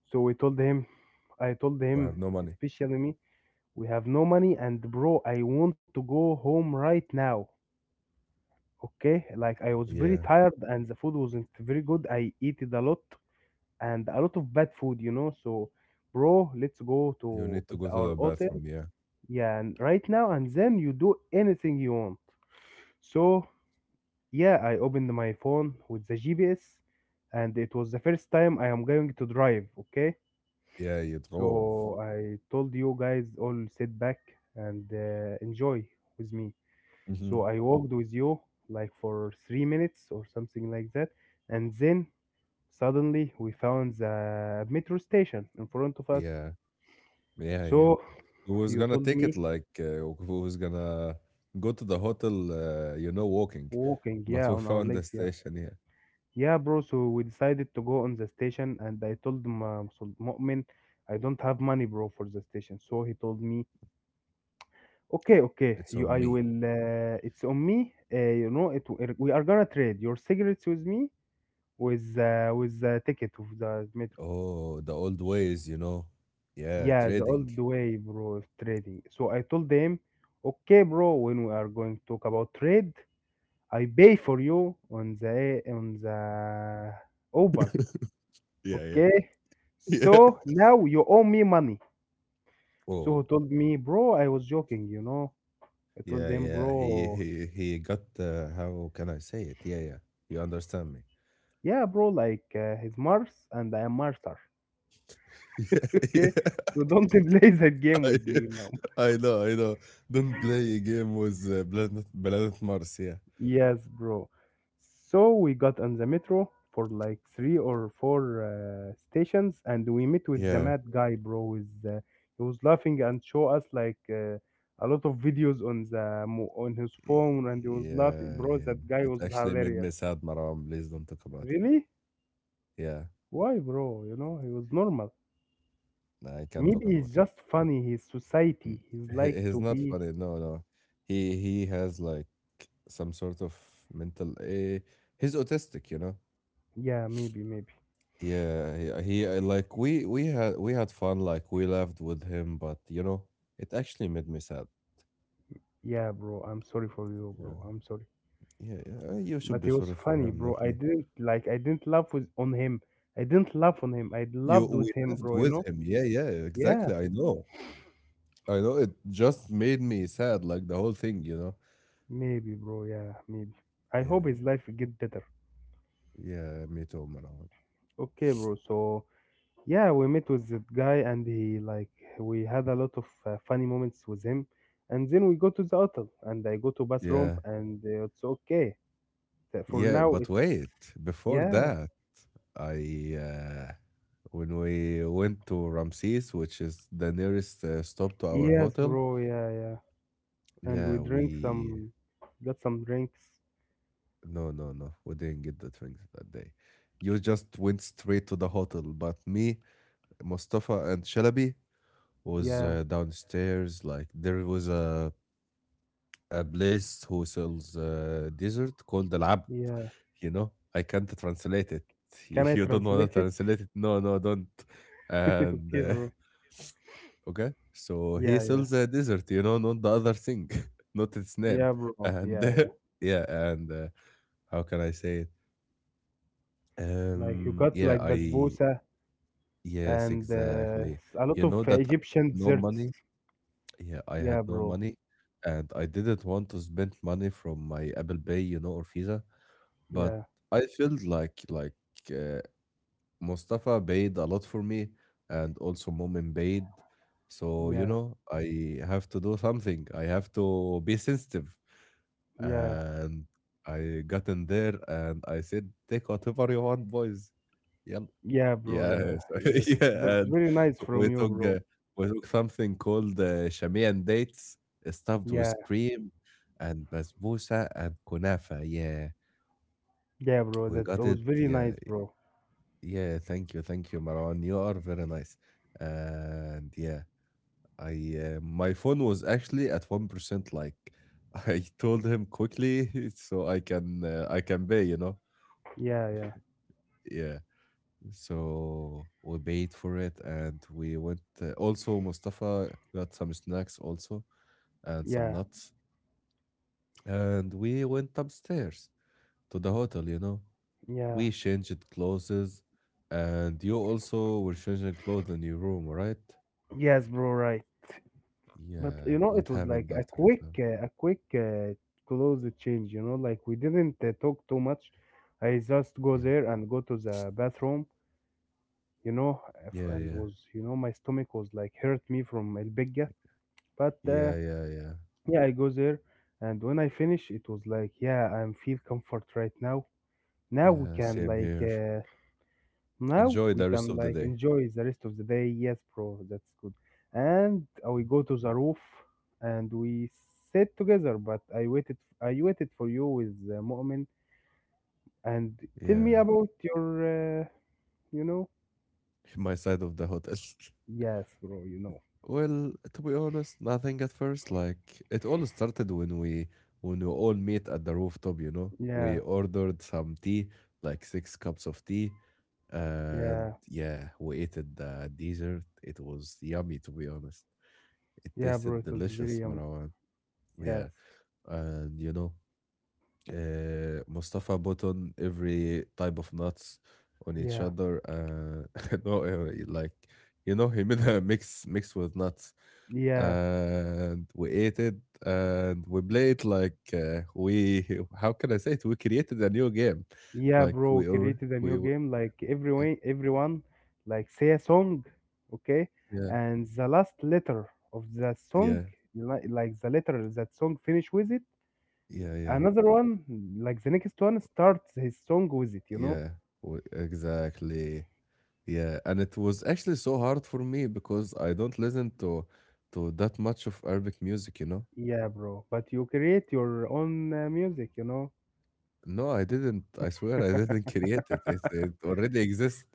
Speaker 2: So we told him, I told
Speaker 1: We
Speaker 2: him,
Speaker 1: have no money.
Speaker 2: especially me, we have no money and bro, I want to go home right now. Okay? Like I was very
Speaker 1: Yeah,
Speaker 2: tired and the food wasn't very good. I ate it a lot and a lot of bad food, you know. So, bro, let's go
Speaker 1: you
Speaker 2: to
Speaker 1: need to go to
Speaker 2: our
Speaker 1: the
Speaker 2: hotel.
Speaker 1: bathroom. Yeah,
Speaker 2: Yeah, and right now, and then you do anything you want. So, yeah, I opened my phone with the GPS, and it was the first time I am going to drive. Okay,
Speaker 1: yeah. You drove.
Speaker 2: so I told you guys all sit back and enjoy with me.
Speaker 1: Hmm.
Speaker 2: So I walked with you like for 3 minutes or something like that, and then suddenly we found the metro station in front of us.
Speaker 1: Yeah, yeah, yeah.
Speaker 2: So
Speaker 1: Who was
Speaker 2: you
Speaker 1: gonna
Speaker 2: told
Speaker 1: take it,
Speaker 2: me
Speaker 1: like, who was gonna go to the hotel? You know, walking.
Speaker 2: walking, yeah,
Speaker 1: But we
Speaker 2: on our
Speaker 1: found the
Speaker 2: legs, yeah.
Speaker 1: station here.
Speaker 2: Yeah, bro, so we decided to go on the station and I told Mu'min I don't have money, bro, for the station. So he told me, "Okay, okay,
Speaker 1: It's
Speaker 2: you
Speaker 1: on
Speaker 2: I
Speaker 1: me.
Speaker 2: will it's on me. You know, it we are gonna trade your cigarettes with me with the ticket of the metro."
Speaker 1: Oh, the old ways, you know. Yeah,
Speaker 2: Yeah, the
Speaker 1: trading.
Speaker 2: old way, bro, of trading. So I told them, okay, bro, when we are going to talk about trade, I pay for you on the Uber,
Speaker 1: Yeah, yeah,
Speaker 2: okay?
Speaker 1: yeah.
Speaker 2: So now you owe me money." So he
Speaker 1: Oh.
Speaker 2: told me, "Bro, I was joking, you know." I told
Speaker 1: Yeah,
Speaker 2: him,
Speaker 1: yeah.
Speaker 2: "Bro,
Speaker 1: He got, how can I say it? Yeah, yeah. You understand me.
Speaker 2: yeah, bro, like he's Mars and I am Marser,
Speaker 1: Yeah,
Speaker 2: okay? So don't play that game with
Speaker 1: yeah.
Speaker 2: me."
Speaker 1: I know, I know. Don't play a game with Planet Mars. Yeah,
Speaker 2: Yes, bro. So we got on the metro for like three or four stations, and we met with the
Speaker 1: yeah.
Speaker 2: mad guy, bro. With he was laughing and show us like a lot of videos on on his phone, and he was
Speaker 1: Yeah,
Speaker 2: laughing, bro.
Speaker 1: yeah.
Speaker 2: That guy
Speaker 1: It
Speaker 2: was
Speaker 1: actually made me
Speaker 2: hilarious.
Speaker 1: sad, Maram. Please don't talk about it.
Speaker 2: Really?
Speaker 1: Yeah,
Speaker 2: Why, bro? You know, he was normal.
Speaker 1: no, I can't talk
Speaker 2: Maybe
Speaker 1: about
Speaker 2: he's
Speaker 1: it.
Speaker 2: just funny. His
Speaker 1: Mm.
Speaker 2: society. He's like
Speaker 1: He's
Speaker 2: to
Speaker 1: not
Speaker 2: be.
Speaker 1: funny. No, no. He has like some sort of mental. He's autistic, you know.
Speaker 2: Yeah, maybe, maybe.
Speaker 1: Yeah, yeah, he, like, we had fun, like we laughed with him, but you know, it actually made me sad.
Speaker 2: Yeah, bro. I'm sorry for you,
Speaker 1: Yeah,
Speaker 2: bro. I'm sorry.
Speaker 1: yeah, yeah. You should
Speaker 2: But
Speaker 1: be
Speaker 2: he was
Speaker 1: sorry for
Speaker 2: funny,
Speaker 1: him,
Speaker 2: bro.
Speaker 1: not me.
Speaker 2: I didn't laugh with on him. I didn't laugh on him. I
Speaker 1: You
Speaker 2: loved with
Speaker 1: We
Speaker 2: him,
Speaker 1: laughed
Speaker 2: bro, you
Speaker 1: with
Speaker 2: know?
Speaker 1: him. Yeah, yeah,
Speaker 2: Yeah,
Speaker 1: exactly. I know, I know. It just made me sad, like the whole thing, you know.
Speaker 2: maybe, bro. Yeah, maybe. I
Speaker 1: Yeah,
Speaker 2: hope his life will get better.
Speaker 1: yeah, yeah, me too, Marwan.
Speaker 2: Okay, bro. So, yeah, we met with that guy and he like we had a lot of funny moments with him. And then we go to the hotel and I go to bathroom
Speaker 1: Yeah,
Speaker 2: and it's okay. That for
Speaker 1: yeah.
Speaker 2: now
Speaker 1: But
Speaker 2: it's
Speaker 1: wait, before
Speaker 2: yeah.
Speaker 1: that, I when we went to Ramses, which is the nearest stop to our
Speaker 2: Yes,
Speaker 1: hotel.
Speaker 2: bro. Yeah, yeah. And we
Speaker 1: Yeah,
Speaker 2: drink
Speaker 1: we.
Speaker 2: some got some drinks.
Speaker 1: No, no, no. We didn't get the drinks that day. You just went straight to the hotel. But me, Mustafa, and Shalabi was
Speaker 2: Yeah.
Speaker 1: downstairs. Like there was a place who sells dessert called Al Abd.
Speaker 2: Yeah.
Speaker 1: You know, I can't translate it. You
Speaker 2: Can I
Speaker 1: you don't want
Speaker 2: translate
Speaker 1: to
Speaker 2: it?
Speaker 1: translate it? No, no, don't. And
Speaker 2: Okay, bro.
Speaker 1: okay, so he
Speaker 2: Yeah, yeah,
Speaker 1: sells a dessert. You know, not the other thing, not its name.
Speaker 2: yeah, bro.
Speaker 1: And
Speaker 2: Yeah, yeah.
Speaker 1: yeah, and how can I say it?
Speaker 2: Like you got
Speaker 1: Yeah,
Speaker 2: like basbousa
Speaker 1: yes,
Speaker 2: and
Speaker 1: exactly.
Speaker 2: a lot
Speaker 1: You
Speaker 2: of
Speaker 1: know that I
Speaker 2: Egyptian
Speaker 1: had no
Speaker 2: desserts.
Speaker 1: money. Yeah, I had
Speaker 2: Yeah,
Speaker 1: no
Speaker 2: bro.
Speaker 1: money and I didn't want to spend money from my Apple Pay, you know, or Visa, but
Speaker 2: Yeah,
Speaker 1: I felt like uh, Mustafa paid a lot for me and also Momin paid. So, you
Speaker 2: yeah,
Speaker 1: know, I have to do something. I have to be sensitive.
Speaker 2: yeah,
Speaker 1: And I got in there and I said, take whatever you want, boys. Yeah.
Speaker 2: yeah, bro. Yeah,
Speaker 1: Yes.
Speaker 2: yeah. That's
Speaker 1: Yeah, and
Speaker 2: very nice from
Speaker 1: we
Speaker 2: you,
Speaker 1: took,
Speaker 2: bro.
Speaker 1: uh, we took something called Shamian dates stuffed with
Speaker 2: Yeah,
Speaker 1: cream and basbousa and kunafa. Yeah,
Speaker 2: yeah, bro.
Speaker 1: we
Speaker 2: That
Speaker 1: got
Speaker 2: was
Speaker 1: it.
Speaker 2: very
Speaker 1: Yeah,
Speaker 2: nice, bro.
Speaker 1: yeah. Thank you, Marwan. You are very nice. And yeah, I my phone was actually at 1%. Like I told him quickly so I can pay, you know.
Speaker 2: Yeah, yeah,
Speaker 1: Yeah. So we paid for it and we went. Also, Mustafa got some snacks also and some
Speaker 2: yeah,
Speaker 1: nuts. And we went upstairs to the hotel, you know.
Speaker 2: yeah.
Speaker 1: We changed clothes, and you also were changing clothes in your room, right?
Speaker 2: Yes, bro. Right. But
Speaker 1: Yeah.
Speaker 2: you know,
Speaker 1: What
Speaker 2: it was like
Speaker 1: happened after it, man?
Speaker 2: a quick close change. You know, like we didn't talk too much. I just go
Speaker 1: Yeah.
Speaker 2: there and go to the bathroom. You know,
Speaker 1: Yeah,
Speaker 2: and
Speaker 1: yeah.
Speaker 2: was you know my stomach was like hurt me from El Bigga. But
Speaker 1: Yeah, yeah, yeah.
Speaker 2: yeah, I go there, and when I finish, it was like yeah, I'm feel comfort right now. Now we
Speaker 1: Yeah,
Speaker 2: can
Speaker 1: same
Speaker 2: like
Speaker 1: here.
Speaker 2: now
Speaker 1: Enjoy
Speaker 2: we
Speaker 1: the rest
Speaker 2: can
Speaker 1: of the
Speaker 2: like
Speaker 1: day.
Speaker 2: enjoy the rest of the day. Yes, bro, that's good. And we go to the roof and we sit together. But I waited for you with Mu'min. And tell me
Speaker 1: Yeah.
Speaker 2: about your, you know,
Speaker 1: My side of the hotel.
Speaker 2: yes, bro, you know,
Speaker 1: Well, to be honest, nothing at first. Like it all started when we all meet at the rooftop, you know.
Speaker 2: yeah,
Speaker 1: We ordered some tea, like 6 cups of tea, and
Speaker 2: yeah,
Speaker 1: yeah, we ate it the dessert. It was yummy, to be honest. It
Speaker 2: yeah, bro.
Speaker 1: tasted
Speaker 2: It was
Speaker 1: delicious,
Speaker 2: very
Speaker 1: Marwan.
Speaker 2: yes,
Speaker 1: Yeah. And you know, Mustafa bought on every type of nuts on each
Speaker 2: yeah,
Speaker 1: other. No, like, you know, he made a mix with nuts,
Speaker 2: yeah.
Speaker 1: and we ate it, and we played like, we. How can I say it? We created a new game,
Speaker 2: Yeah,
Speaker 1: like
Speaker 2: bro,
Speaker 1: we or
Speaker 2: created a new
Speaker 1: we. Were-
Speaker 2: game like everyone like say a song, okay?
Speaker 1: Yeah,
Speaker 2: And the last letter of the song,
Speaker 1: yeah,
Speaker 2: like the letter that song finish with it,
Speaker 1: yeah, yeah,
Speaker 2: another one, like the next one starts his song with it, you know?
Speaker 1: yeah. Exactly. Yeah, and it was actually so hard for me because I don't listen to that much of Arabic music, you know.
Speaker 2: Yeah, bro, but you create your own music, you know?
Speaker 1: No, I didn't. I swear I didn't create it. It already exists.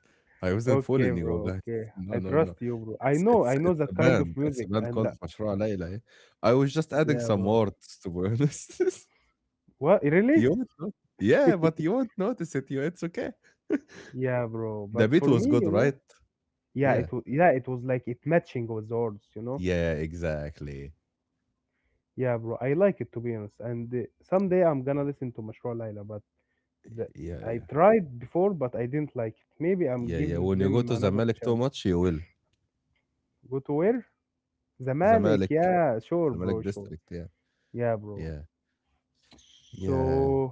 Speaker 1: I wasn't
Speaker 2: Okay,
Speaker 1: fooling you
Speaker 2: bro,
Speaker 1: guys.
Speaker 2: okay.
Speaker 1: No,
Speaker 2: I
Speaker 1: no, no.
Speaker 2: trust you, bro. I know
Speaker 1: It's a
Speaker 2: that kind of
Speaker 1: band. It's a
Speaker 2: music
Speaker 1: band
Speaker 2: and
Speaker 1: called مشروع ليلى. Yeah. I was just adding
Speaker 2: yeah,
Speaker 1: some
Speaker 2: bro.
Speaker 1: words, to be honest.
Speaker 2: What,
Speaker 1: You
Speaker 2: really?
Speaker 1: won't know. Yeah, but you won't notice it. You, it's okay.
Speaker 2: Yeah, bro,
Speaker 1: The
Speaker 2: but
Speaker 1: beat
Speaker 2: for
Speaker 1: was
Speaker 2: me,
Speaker 1: good,
Speaker 2: you
Speaker 1: right?
Speaker 2: know, yeah,
Speaker 1: Yeah.
Speaker 2: it was yeah, it was like it matching with the words, you know.
Speaker 1: Yeah, exactly.
Speaker 2: Yeah, bro, I like it to be honest. And someday I'm gonna listen to Mashroor Laila, but the,
Speaker 1: Yeah,
Speaker 2: I
Speaker 1: yeah.
Speaker 2: tried before, but I didn't like it. Maybe I'm
Speaker 1: Yeah, yeah.
Speaker 2: giving
Speaker 1: When you go
Speaker 2: them
Speaker 1: to
Speaker 2: another
Speaker 1: Zamalek too
Speaker 2: chance.
Speaker 1: much, you will.
Speaker 2: Go to where? Zamalek.
Speaker 1: Zamalek.
Speaker 2: Yeah, sure, bro,
Speaker 1: Zamalek
Speaker 2: sure.
Speaker 1: district, yeah.
Speaker 2: Yeah, bro.
Speaker 1: Yeah. Yeah.
Speaker 2: So,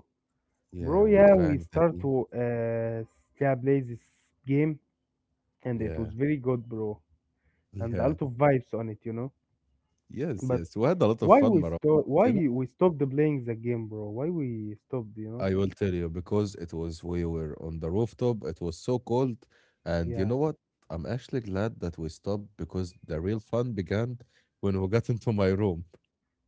Speaker 1: Yeah.
Speaker 2: bro,
Speaker 1: We
Speaker 2: yeah, we
Speaker 1: drank the
Speaker 2: start
Speaker 1: tea.
Speaker 2: to yeah, play this game, and it
Speaker 1: Yeah.
Speaker 2: was very good, bro, and a
Speaker 1: Yeah.
Speaker 2: lot of vibes on it, you know.
Speaker 1: Yes,
Speaker 2: But
Speaker 1: yes. We had a lot of
Speaker 2: why
Speaker 1: fun,
Speaker 2: we
Speaker 1: Marwan.
Speaker 2: stop?
Speaker 1: But,
Speaker 2: Why
Speaker 1: you know,
Speaker 2: we stop the playing the game, bro? Why we stopped? You know?
Speaker 1: I will tell you because it was we were on the rooftop. It was so cold, and you
Speaker 2: Yeah,
Speaker 1: know what? I'm actually glad that we stopped because the real fun began when we got into my room,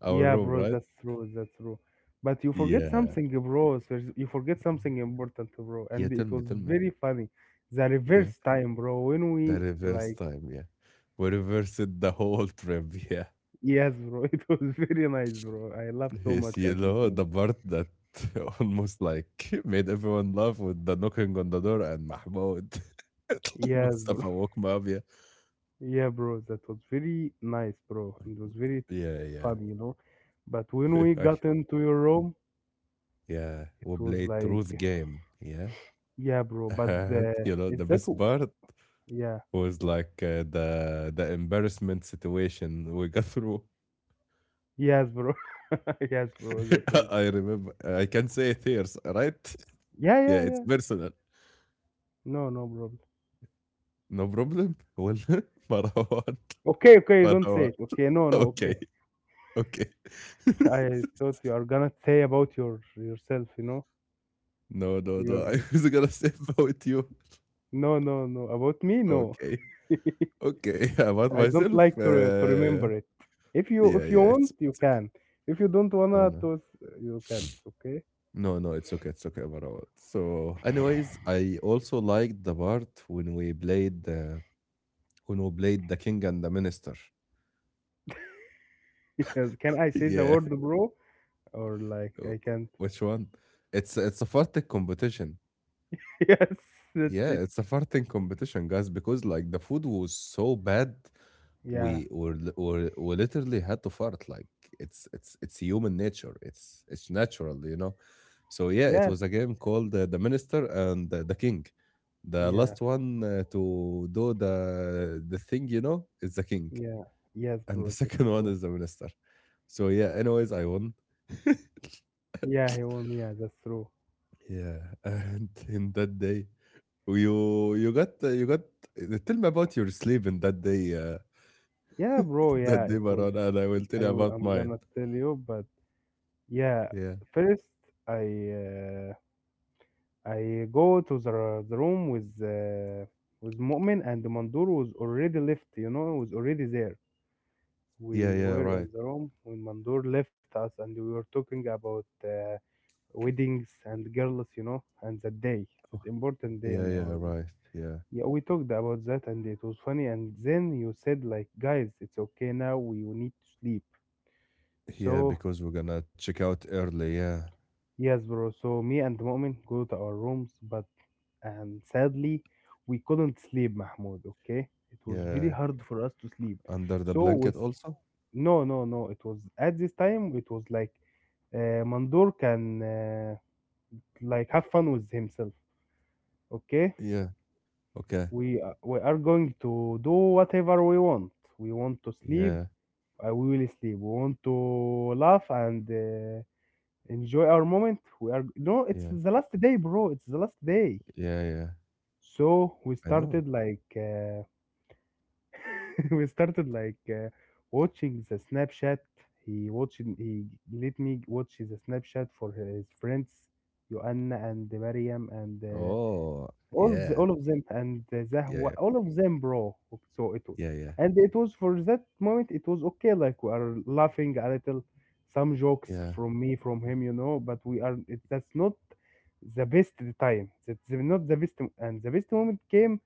Speaker 1: our
Speaker 2: yeah,
Speaker 1: room,
Speaker 2: bro.
Speaker 1: right?
Speaker 2: That's true. That's true. But you forget
Speaker 1: Yeah.
Speaker 2: something, bro. So you forget something important, bro.
Speaker 1: Yeah.
Speaker 2: And
Speaker 1: Tell
Speaker 2: it
Speaker 1: me,
Speaker 2: was
Speaker 1: tell me.
Speaker 2: very funny. The
Speaker 1: Yeah.
Speaker 2: reverse time, bro. When
Speaker 1: The
Speaker 2: we
Speaker 1: reverse
Speaker 2: like,
Speaker 1: time. Yeah. We reversed the whole trip. Yeah.
Speaker 2: yes, bro. It was very nice, bro. I laughed so
Speaker 1: Yes,
Speaker 2: much
Speaker 1: you
Speaker 2: at this
Speaker 1: know, the
Speaker 2: moment.
Speaker 1: part that almost like made everyone laugh with the knocking on the door and Mahmoud.
Speaker 2: Yes, bro.
Speaker 1: Mustafa woke me up. Yeah,
Speaker 2: Yeah, bro. That was very nice, bro. It was very
Speaker 1: yeah, yeah.
Speaker 2: fun, you know. But when we
Speaker 1: I
Speaker 2: got
Speaker 1: can-
Speaker 2: into your room,
Speaker 1: yeah,
Speaker 2: it
Speaker 1: we
Speaker 2: was
Speaker 1: played
Speaker 2: like
Speaker 1: truth game. Yeah,
Speaker 2: yeah, bro, but
Speaker 1: and you know the
Speaker 2: is that
Speaker 1: best part
Speaker 2: yeah,
Speaker 1: was like the embarrassment situation we got through.
Speaker 2: yes, bro, yes, bro, that was
Speaker 1: I remember. I can say it here, right?
Speaker 2: yeah,
Speaker 1: Yeah,
Speaker 2: yeah,
Speaker 1: it's
Speaker 2: yeah.
Speaker 1: personal.
Speaker 2: No, no problem.
Speaker 1: No problem. Well, Marwan,
Speaker 2: Okay, okay, don't say
Speaker 1: Marwan.
Speaker 2: it. Okay, no, no, okay.
Speaker 1: Okay. Okay.
Speaker 2: I thought you are gonna say about yourself, you know,
Speaker 1: No, no,
Speaker 2: your
Speaker 1: no. I was gonna say about you.
Speaker 2: no, no, no, about me, no.
Speaker 1: Okay. Okay. About
Speaker 2: I don't
Speaker 1: myself.
Speaker 2: like to remember it. If you
Speaker 1: Yeah,
Speaker 2: if you
Speaker 1: yeah.
Speaker 2: want,
Speaker 1: It's
Speaker 2: you
Speaker 1: it's okay.
Speaker 2: can. If you don't
Speaker 1: No,
Speaker 2: wanna,
Speaker 1: no.
Speaker 2: to you can't. Okay.
Speaker 1: No, no, it's okay. It's okay about all. So, anyways, I also liked the part when we played the king and the minister.
Speaker 2: Yes. Can I say the
Speaker 1: Yeah.
Speaker 2: word, bro? Or like I
Speaker 1: w-
Speaker 2: can't?
Speaker 1: Which one? It's a farting competition.
Speaker 2: Yes, that's
Speaker 1: Yeah,
Speaker 2: it.
Speaker 1: it's a farting competition, guys, because like the food was so bad
Speaker 2: Yeah,
Speaker 1: we were li- were we literally had to fart, like it's human nature. It's natural. So yeah, it
Speaker 2: yeah,
Speaker 1: was a game called the minister and the king. The
Speaker 2: yeah.
Speaker 1: last one to do the thing is the king.
Speaker 2: Yeah, yes,
Speaker 1: And the
Speaker 2: bro, that's
Speaker 1: second
Speaker 2: so
Speaker 1: one
Speaker 2: true.
Speaker 1: is the minister. So yeah, anyways, I won.
Speaker 2: Yeah, he won. Yeah, that's true.
Speaker 1: Yeah. And in that day, you you got tell me about your sleep in that day,
Speaker 2: Yeah, bro. Yeah,
Speaker 1: that day,
Speaker 2: it
Speaker 1: Maran,
Speaker 2: was.
Speaker 1: and I will tell you about
Speaker 2: I'm
Speaker 1: mine.
Speaker 2: gonna tell you, but yeah,
Speaker 1: Yeah,
Speaker 2: first I uh, I go to the room with Mu'min, and Mandur was already left. You know, was already there.
Speaker 1: yeah,
Speaker 2: We
Speaker 1: yeah,
Speaker 2: were
Speaker 1: right.
Speaker 2: in the room when Mandur left us, and we were talking about weddings and girls. You know, and that day,
Speaker 1: Oh,
Speaker 2: that important day
Speaker 1: yeah,
Speaker 2: in
Speaker 1: yeah,
Speaker 2: our.
Speaker 1: right. Yeah.
Speaker 2: Yeah, we talked about that, and it was funny. And then you said, like, guys, it's okay now, we need to sleep.
Speaker 1: Yeah,
Speaker 2: So,
Speaker 1: because we're gonna check out early. Yeah.
Speaker 2: yes, bro. So, me and Mu'min go to our rooms, but and sadly, we couldn't sleep, Mahmoud. Okay, it was very
Speaker 1: Yeah.
Speaker 2: hard for us to sleep.
Speaker 1: Under the
Speaker 2: So,
Speaker 1: blanket
Speaker 2: with
Speaker 1: also?
Speaker 2: no, no, no, it was at this time, it was like Mandur can like have fun with himself. Okay,
Speaker 1: Yeah. Okay.
Speaker 2: we are going to do whatever we want to sleep.
Speaker 1: Yeah.
Speaker 2: I will sleep. We want to laugh and enjoy our moment. We are no, it's
Speaker 1: Yeah.
Speaker 2: the last day, bro. It's the last day.
Speaker 1: Yeah. Yeah.
Speaker 2: So we
Speaker 1: I know.
Speaker 2: started like we started like watching the Snapchat. He watched he let me watch the Snapchat for his friends, Joanna and Mariam and
Speaker 1: Oh,
Speaker 2: all
Speaker 1: yeah.
Speaker 2: all of them, and
Speaker 1: Yeah.
Speaker 2: Zahwa,
Speaker 1: Yeah.
Speaker 2: all of them, bro. So
Speaker 1: Yeah. Yeah.
Speaker 2: and it was for that moment, it was okay, like we are laughing a little, some jokes
Speaker 1: Yeah.
Speaker 2: from me, from
Speaker 1: Yeah.
Speaker 2: him, you know. But we are it, that's not the best time. That's not the best, and the best moment came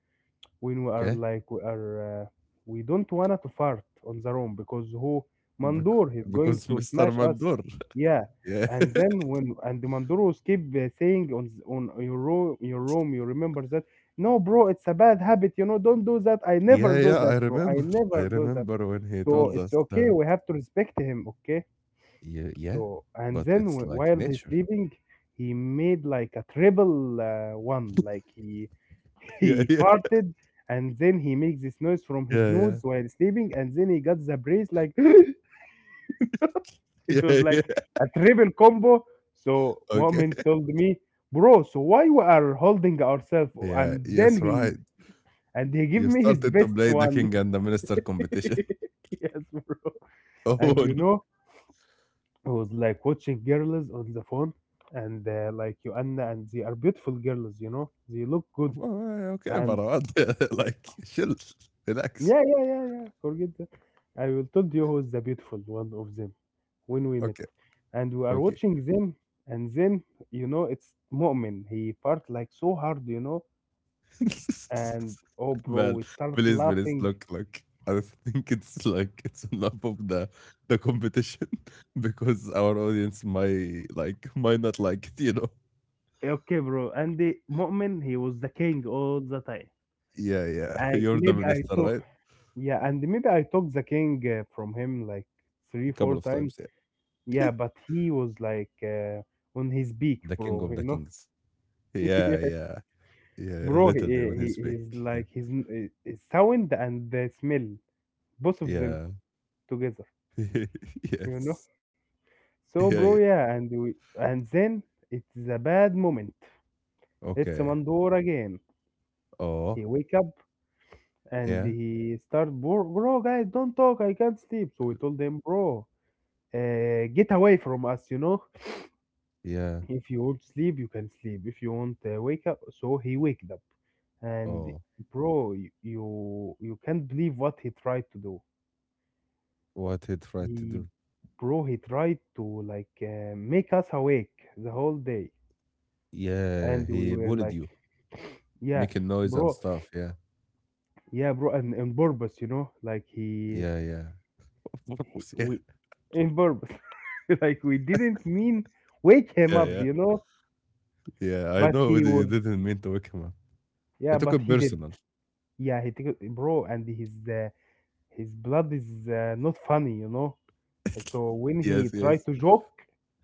Speaker 2: when
Speaker 1: Okay.
Speaker 2: we are we don't wanna to fart on the room, because who
Speaker 1: Bec-
Speaker 2: Mandor is going
Speaker 1: because
Speaker 2: to
Speaker 1: Mr.
Speaker 2: smash us.
Speaker 1: Mandur.
Speaker 2: Yeah,
Speaker 1: Yeah.
Speaker 2: and then when and the Mandor was keep saying on on your room, you remember that? No, bro, it's a bad habit, you know, don't do that. I never
Speaker 1: Yeah.
Speaker 2: do
Speaker 1: Yeah.
Speaker 2: that,
Speaker 1: I
Speaker 2: bro, I
Speaker 1: remember. I
Speaker 2: never do that.
Speaker 1: remember when he
Speaker 2: So
Speaker 1: told
Speaker 2: it's
Speaker 1: us
Speaker 2: okay,
Speaker 1: that.
Speaker 2: we have to respect him. Okay,
Speaker 1: Yeah. Yeah.
Speaker 2: so and
Speaker 1: But
Speaker 2: then
Speaker 1: it's like
Speaker 2: while he's
Speaker 1: nature.
Speaker 2: sleeping, he made like a triple one, like he
Speaker 1: Yeah.
Speaker 2: he
Speaker 1: Yeah.
Speaker 2: farted, and then he makes this noise from his
Speaker 1: Yeah. Yeah.
Speaker 2: nose while sleeping, and then he got the brace like it was
Speaker 1: Yeah.
Speaker 2: like
Speaker 1: Yeah.
Speaker 2: a triple combo. So
Speaker 1: Okay.
Speaker 2: Mu'min told me, bro, so why we are holding ourselves?
Speaker 1: Yeah,
Speaker 2: And then
Speaker 1: yes, right.
Speaker 2: he give
Speaker 1: You
Speaker 2: me his
Speaker 1: started to
Speaker 2: best
Speaker 1: play the
Speaker 2: one.
Speaker 1: king and the minister competition.
Speaker 2: Yes, bro. And
Speaker 1: Oh,
Speaker 2: you know, I was like watching girls on the phone, and like you, Anna, and they are beautiful girls, you know, they look good.
Speaker 1: well, okay,
Speaker 2: And
Speaker 1: Marwan. Like, chill, relax.
Speaker 2: yeah, yeah, yeah, yeah. Forget that. I will told you who is the beautiful one of them when we met,
Speaker 1: Okay,
Speaker 2: and we are
Speaker 1: okay.
Speaker 2: watching them, and then you know it's Mu'min. He fart like so hard, you know, and oh, bro,
Speaker 1: Man,
Speaker 2: we start
Speaker 1: please, please,
Speaker 2: laughing.
Speaker 1: look, look. I think it's like it's enough of the competition because our audience might like might not like it.
Speaker 2: Okay, bro, and the Mu'min, he was the king all the time.
Speaker 1: Yeah, yeah.
Speaker 2: I
Speaker 1: You're the
Speaker 2: maybe I
Speaker 1: minister,
Speaker 2: took
Speaker 1: right?
Speaker 2: yeah, and maybe I took the king from him like three,
Speaker 1: A couple
Speaker 2: four
Speaker 1: of
Speaker 2: times.
Speaker 1: times, yeah.
Speaker 2: Yeah, but he was like on his beak,
Speaker 1: The king
Speaker 2: bro.
Speaker 1: of
Speaker 2: You
Speaker 1: the
Speaker 2: know,
Speaker 1: kings. Yeah,
Speaker 2: yes.
Speaker 1: yeah, yeah.
Speaker 2: Bro, he,
Speaker 1: Literally on
Speaker 2: he
Speaker 1: his back.
Speaker 2: he's
Speaker 1: Yeah,
Speaker 2: like his sound and the smell, both of them
Speaker 1: yeah.
Speaker 2: together, you
Speaker 1: Yes.
Speaker 2: know. So,
Speaker 1: Yeah,
Speaker 2: bro,
Speaker 1: yeah.
Speaker 2: yeah, and we, and then it's a bad moment. It's
Speaker 1: Okay.
Speaker 2: Mandor again.
Speaker 1: Oh,
Speaker 2: He wake up and
Speaker 1: yeah,
Speaker 2: he start, bro, bro, guys, don't talk. I can't sleep. So we told him, bro, get away from us, you know.
Speaker 1: yeah.
Speaker 2: If you want sleep, you can sleep. If you want wake up, so he waked up, and
Speaker 1: Oh,
Speaker 2: bro, you can't believe what he tried to do.
Speaker 1: what he tried to
Speaker 2: He
Speaker 1: do?
Speaker 2: Bro, he tried to like make us awake the whole day,
Speaker 1: Yeah,
Speaker 2: and we
Speaker 1: he
Speaker 2: were
Speaker 1: bullied
Speaker 2: like,
Speaker 1: you,
Speaker 2: yeah,
Speaker 1: making noise and
Speaker 2: bro,
Speaker 1: stuff. Yeah,
Speaker 2: yeah, bro, and on purpose, you know, like
Speaker 1: yeah, yeah. Of
Speaker 2: he
Speaker 1: course, yeah,
Speaker 2: we, in purpose, like we didn't mean wake him
Speaker 1: yeah,
Speaker 2: up,
Speaker 1: yeah,
Speaker 2: you know,
Speaker 1: yeah. I
Speaker 2: but
Speaker 1: know
Speaker 2: he
Speaker 1: you
Speaker 2: was,
Speaker 1: didn't mean to wake him up. He
Speaker 2: yeah,
Speaker 1: took
Speaker 2: but
Speaker 1: it
Speaker 2: he did,
Speaker 1: personal.
Speaker 2: yeah, he took it, bro, and his blood is not funny, you know, and so when he
Speaker 1: Yes,
Speaker 2: tried
Speaker 1: yes.
Speaker 2: to joke,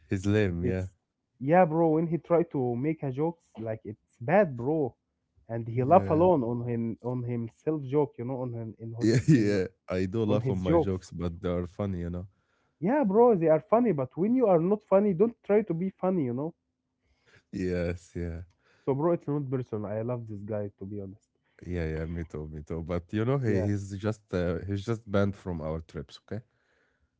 Speaker 1: He's lame. Yeah,
Speaker 2: it's yeah, bro. When he tried to make a jokes, like it's bad, bro, and he laugh
Speaker 1: yeah,
Speaker 2: alone on himself joke, you know, on him in
Speaker 1: yeah,
Speaker 2: his in
Speaker 1: yeah. I do
Speaker 2: on
Speaker 1: laugh on
Speaker 2: his
Speaker 1: my
Speaker 2: jokes.
Speaker 1: jokes, but they are funny.
Speaker 2: Yeah, bro, they are funny, but when you are not funny, don't try to be funny, you know.
Speaker 1: Yes, yeah.
Speaker 2: So, bro, it's not personal. I love this guy to be honest.
Speaker 1: Yeah, yeah, me too, me too. But he
Speaker 2: Yeah,
Speaker 1: he's just uh, he's just banned from our trips, okay?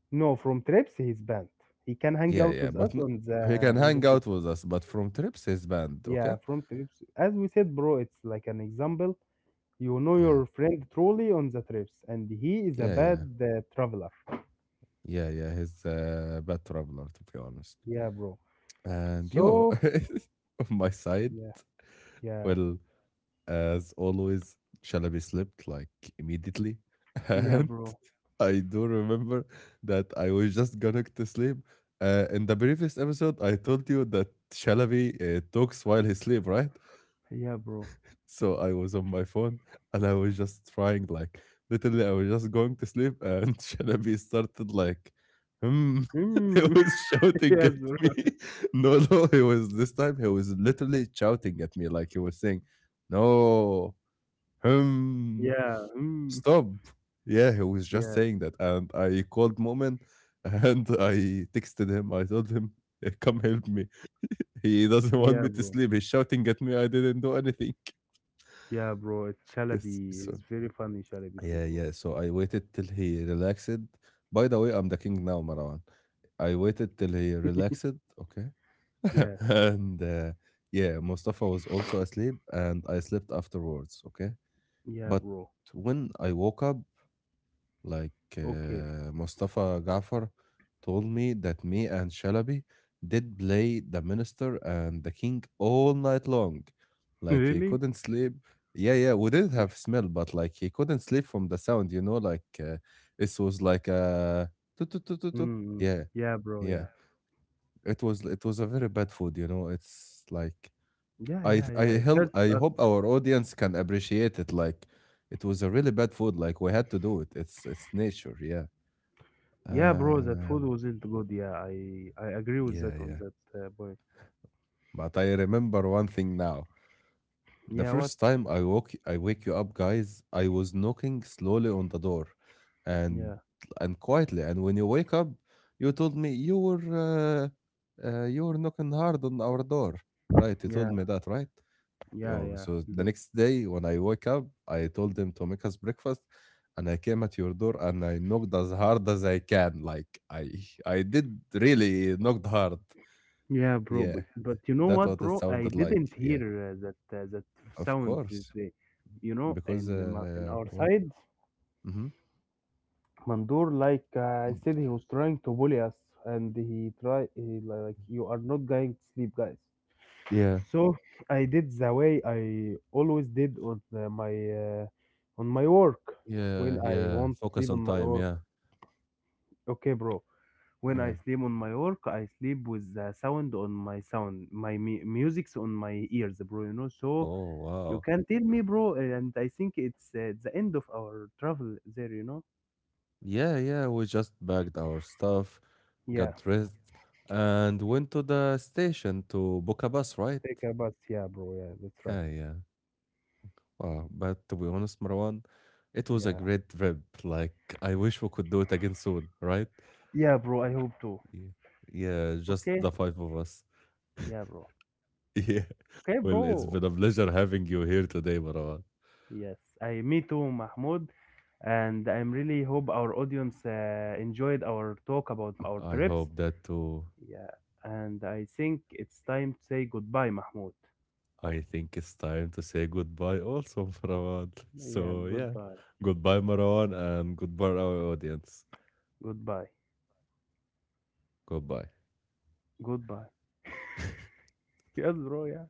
Speaker 2: no, from trips he's banned. He can hang
Speaker 1: Yeah,
Speaker 2: out
Speaker 1: yeah.
Speaker 2: with us
Speaker 1: But no,
Speaker 2: on
Speaker 1: he can
Speaker 2: the
Speaker 1: hang
Speaker 2: city.
Speaker 1: out with us, but from trips he's banned,
Speaker 2: Yeah,
Speaker 1: okay?
Speaker 2: from trips. As we said, bro, it's like an example. You know
Speaker 1: Yeah,
Speaker 2: your friend truly on the trips, and he is a
Speaker 1: yeah, yeah,
Speaker 2: bad traveler.
Speaker 1: yeah, yeah. He's a bad traveler, to be honest.
Speaker 2: Yeah, bro.
Speaker 1: And yo,
Speaker 2: So,
Speaker 1: on my side,
Speaker 2: yeah, yeah,
Speaker 1: well, as always, Shalabi slept like immediately.
Speaker 2: yeah,
Speaker 1: And
Speaker 2: bro.
Speaker 1: I do remember that I was just going to sleep. In the previous episode, I told you that Shalabi talks while he sleep, right?
Speaker 2: Yeah, bro.
Speaker 1: So I was on my phone and I was just trying, like, literally, I was just going to sleep and Shalabi started, like, hmm. He
Speaker 2: Mm,
Speaker 1: was shouting
Speaker 2: yes,
Speaker 1: at me.
Speaker 2: bro.
Speaker 1: No, no, he was this time, he was literally shouting at me, like, he was saying, no, um,
Speaker 2: Yeah, mm,
Speaker 1: stop. Yeah, he was just
Speaker 2: yeah,
Speaker 1: saying that. And I called Moment and I texted him. I told him, "Eh, come help me. He doesn't want
Speaker 2: yeah,
Speaker 1: me to
Speaker 2: bro.
Speaker 1: sleep. He's shouting at me. I didn't do anything.
Speaker 2: Yeah, bro. It's
Speaker 1: Yes.
Speaker 2: Shalabi. It's
Speaker 1: So,
Speaker 2: very funny, Shalabi too,
Speaker 1: yeah,
Speaker 2: bro.
Speaker 1: yeah. So I waited till he relaxed. By the way, I'm the king now, Marwan. I waited till he relaxed. Okay.
Speaker 2: Yes,
Speaker 1: And yeah, Mustafa was also asleep and I slept afterwards. Okay.
Speaker 2: yeah,
Speaker 1: But
Speaker 2: bro.
Speaker 1: when I woke up, like
Speaker 2: Okay,
Speaker 1: Mustafa Gafar told me that me and Shalabi did play the minister and the king all night long. Like he
Speaker 2: really?
Speaker 1: couldn't sleep. Yeah, yeah, we didn't have smell, but like he couldn't sleep from the sound, like this was like a tu- tu- tu- tu- tu.
Speaker 2: Mm,
Speaker 1: Yeah,
Speaker 2: yeah, bro.
Speaker 1: yeah.
Speaker 2: Yeah,
Speaker 1: It was a very bad food. It's like
Speaker 2: yeah,
Speaker 1: I
Speaker 2: yeah,
Speaker 1: th- I
Speaker 2: yeah. It
Speaker 1: hel-
Speaker 2: hurts
Speaker 1: I
Speaker 2: us.
Speaker 1: hope our audience can appreciate it. Like it was a really bad food. Like we had to do it. It's nature. Yeah.
Speaker 2: Yeah, bro. That
Speaker 1: Uh,
Speaker 2: food wasn't good. Yeah, I agree with
Speaker 1: yeah,
Speaker 2: that on
Speaker 1: yeah.
Speaker 2: that point.
Speaker 1: But I remember one thing now. The
Speaker 2: Yeah, what?
Speaker 1: first time I wake you up, guys, I was knocking slowly on the door, and
Speaker 2: Yeah,
Speaker 1: and quietly. And when you wake up, you told me you were knocking hard on our door, right? You told
Speaker 2: yeah,
Speaker 1: me that, right?
Speaker 2: yeah,
Speaker 1: Yo,
Speaker 2: yeah.
Speaker 1: so
Speaker 2: We
Speaker 1: the
Speaker 2: did.
Speaker 1: next day when I woke up, I told him to make us breakfast, and I came at your door and I knocked as hard as I can. Like I did really knocked hard.
Speaker 2: Yeah, bro.
Speaker 1: Yeah.
Speaker 2: But you know
Speaker 1: That
Speaker 2: what,
Speaker 1: what it
Speaker 2: bro? I
Speaker 1: sounded like.
Speaker 2: didn't
Speaker 1: Yeah,
Speaker 2: hear that that
Speaker 1: of
Speaker 2: sound is
Speaker 1: course.
Speaker 2: the, you know,
Speaker 1: Because
Speaker 2: in our
Speaker 1: what?
Speaker 2: side,
Speaker 1: Hmm.
Speaker 2: Mandur, like I said, he was trying to bully us, and like you are not going to sleep, guys.
Speaker 1: Yeah,
Speaker 2: So I did the way I always did on my on my work
Speaker 1: yeah,
Speaker 2: when I
Speaker 1: yeah.
Speaker 2: want to
Speaker 1: Focus
Speaker 2: sleep on
Speaker 1: on
Speaker 2: my
Speaker 1: time.
Speaker 2: work.
Speaker 1: Yeah,
Speaker 2: Okay, bro. When I
Speaker 1: yeah.
Speaker 2: sleep on my work, I sleep with the sound on my sound, my music's on my ears, bro. You know, so
Speaker 1: Oh
Speaker 2: you
Speaker 1: wow.
Speaker 2: can tell me, bro. And I think it's the end of our travel there. You know,
Speaker 1: Yeah, yeah. We just bagged our stuff,
Speaker 2: yeah,
Speaker 1: got dressed, and went to the station to book a bus. Right?
Speaker 2: take a bus, yeah, bro. Yeah, that's right.
Speaker 1: Yeah, yeah. Wow. But to be honest, Marwan, it was a
Speaker 2: Yeah,
Speaker 1: great trip. Like I wish we could do it again soon. Right?
Speaker 2: yeah, bro. I hope too.
Speaker 1: Yeah. Yeah. Just the
Speaker 2: Okay,
Speaker 1: five of us.
Speaker 2: yeah, bro.
Speaker 1: Yeah.
Speaker 2: Okay,
Speaker 1: Well, it's
Speaker 2: bro.
Speaker 1: been a pleasure having you here today, Marwan.
Speaker 2: Yes, I me too, Mahmoud. And I'm really hope our audience enjoyed our talk about our
Speaker 1: I
Speaker 2: trips.
Speaker 1: hope that too.
Speaker 2: Yeah, and I think it's time to say goodbye, Mahmoud.
Speaker 1: I think it's time to say goodbye also, Marwan.
Speaker 2: Yeah,
Speaker 1: So, yeah.
Speaker 2: goodbye,
Speaker 1: Goodbye, Marwan, and goodbye, our audience.
Speaker 2: goodbye,
Speaker 1: Goodbye.
Speaker 2: goodbye. Yes, bro. Yeah.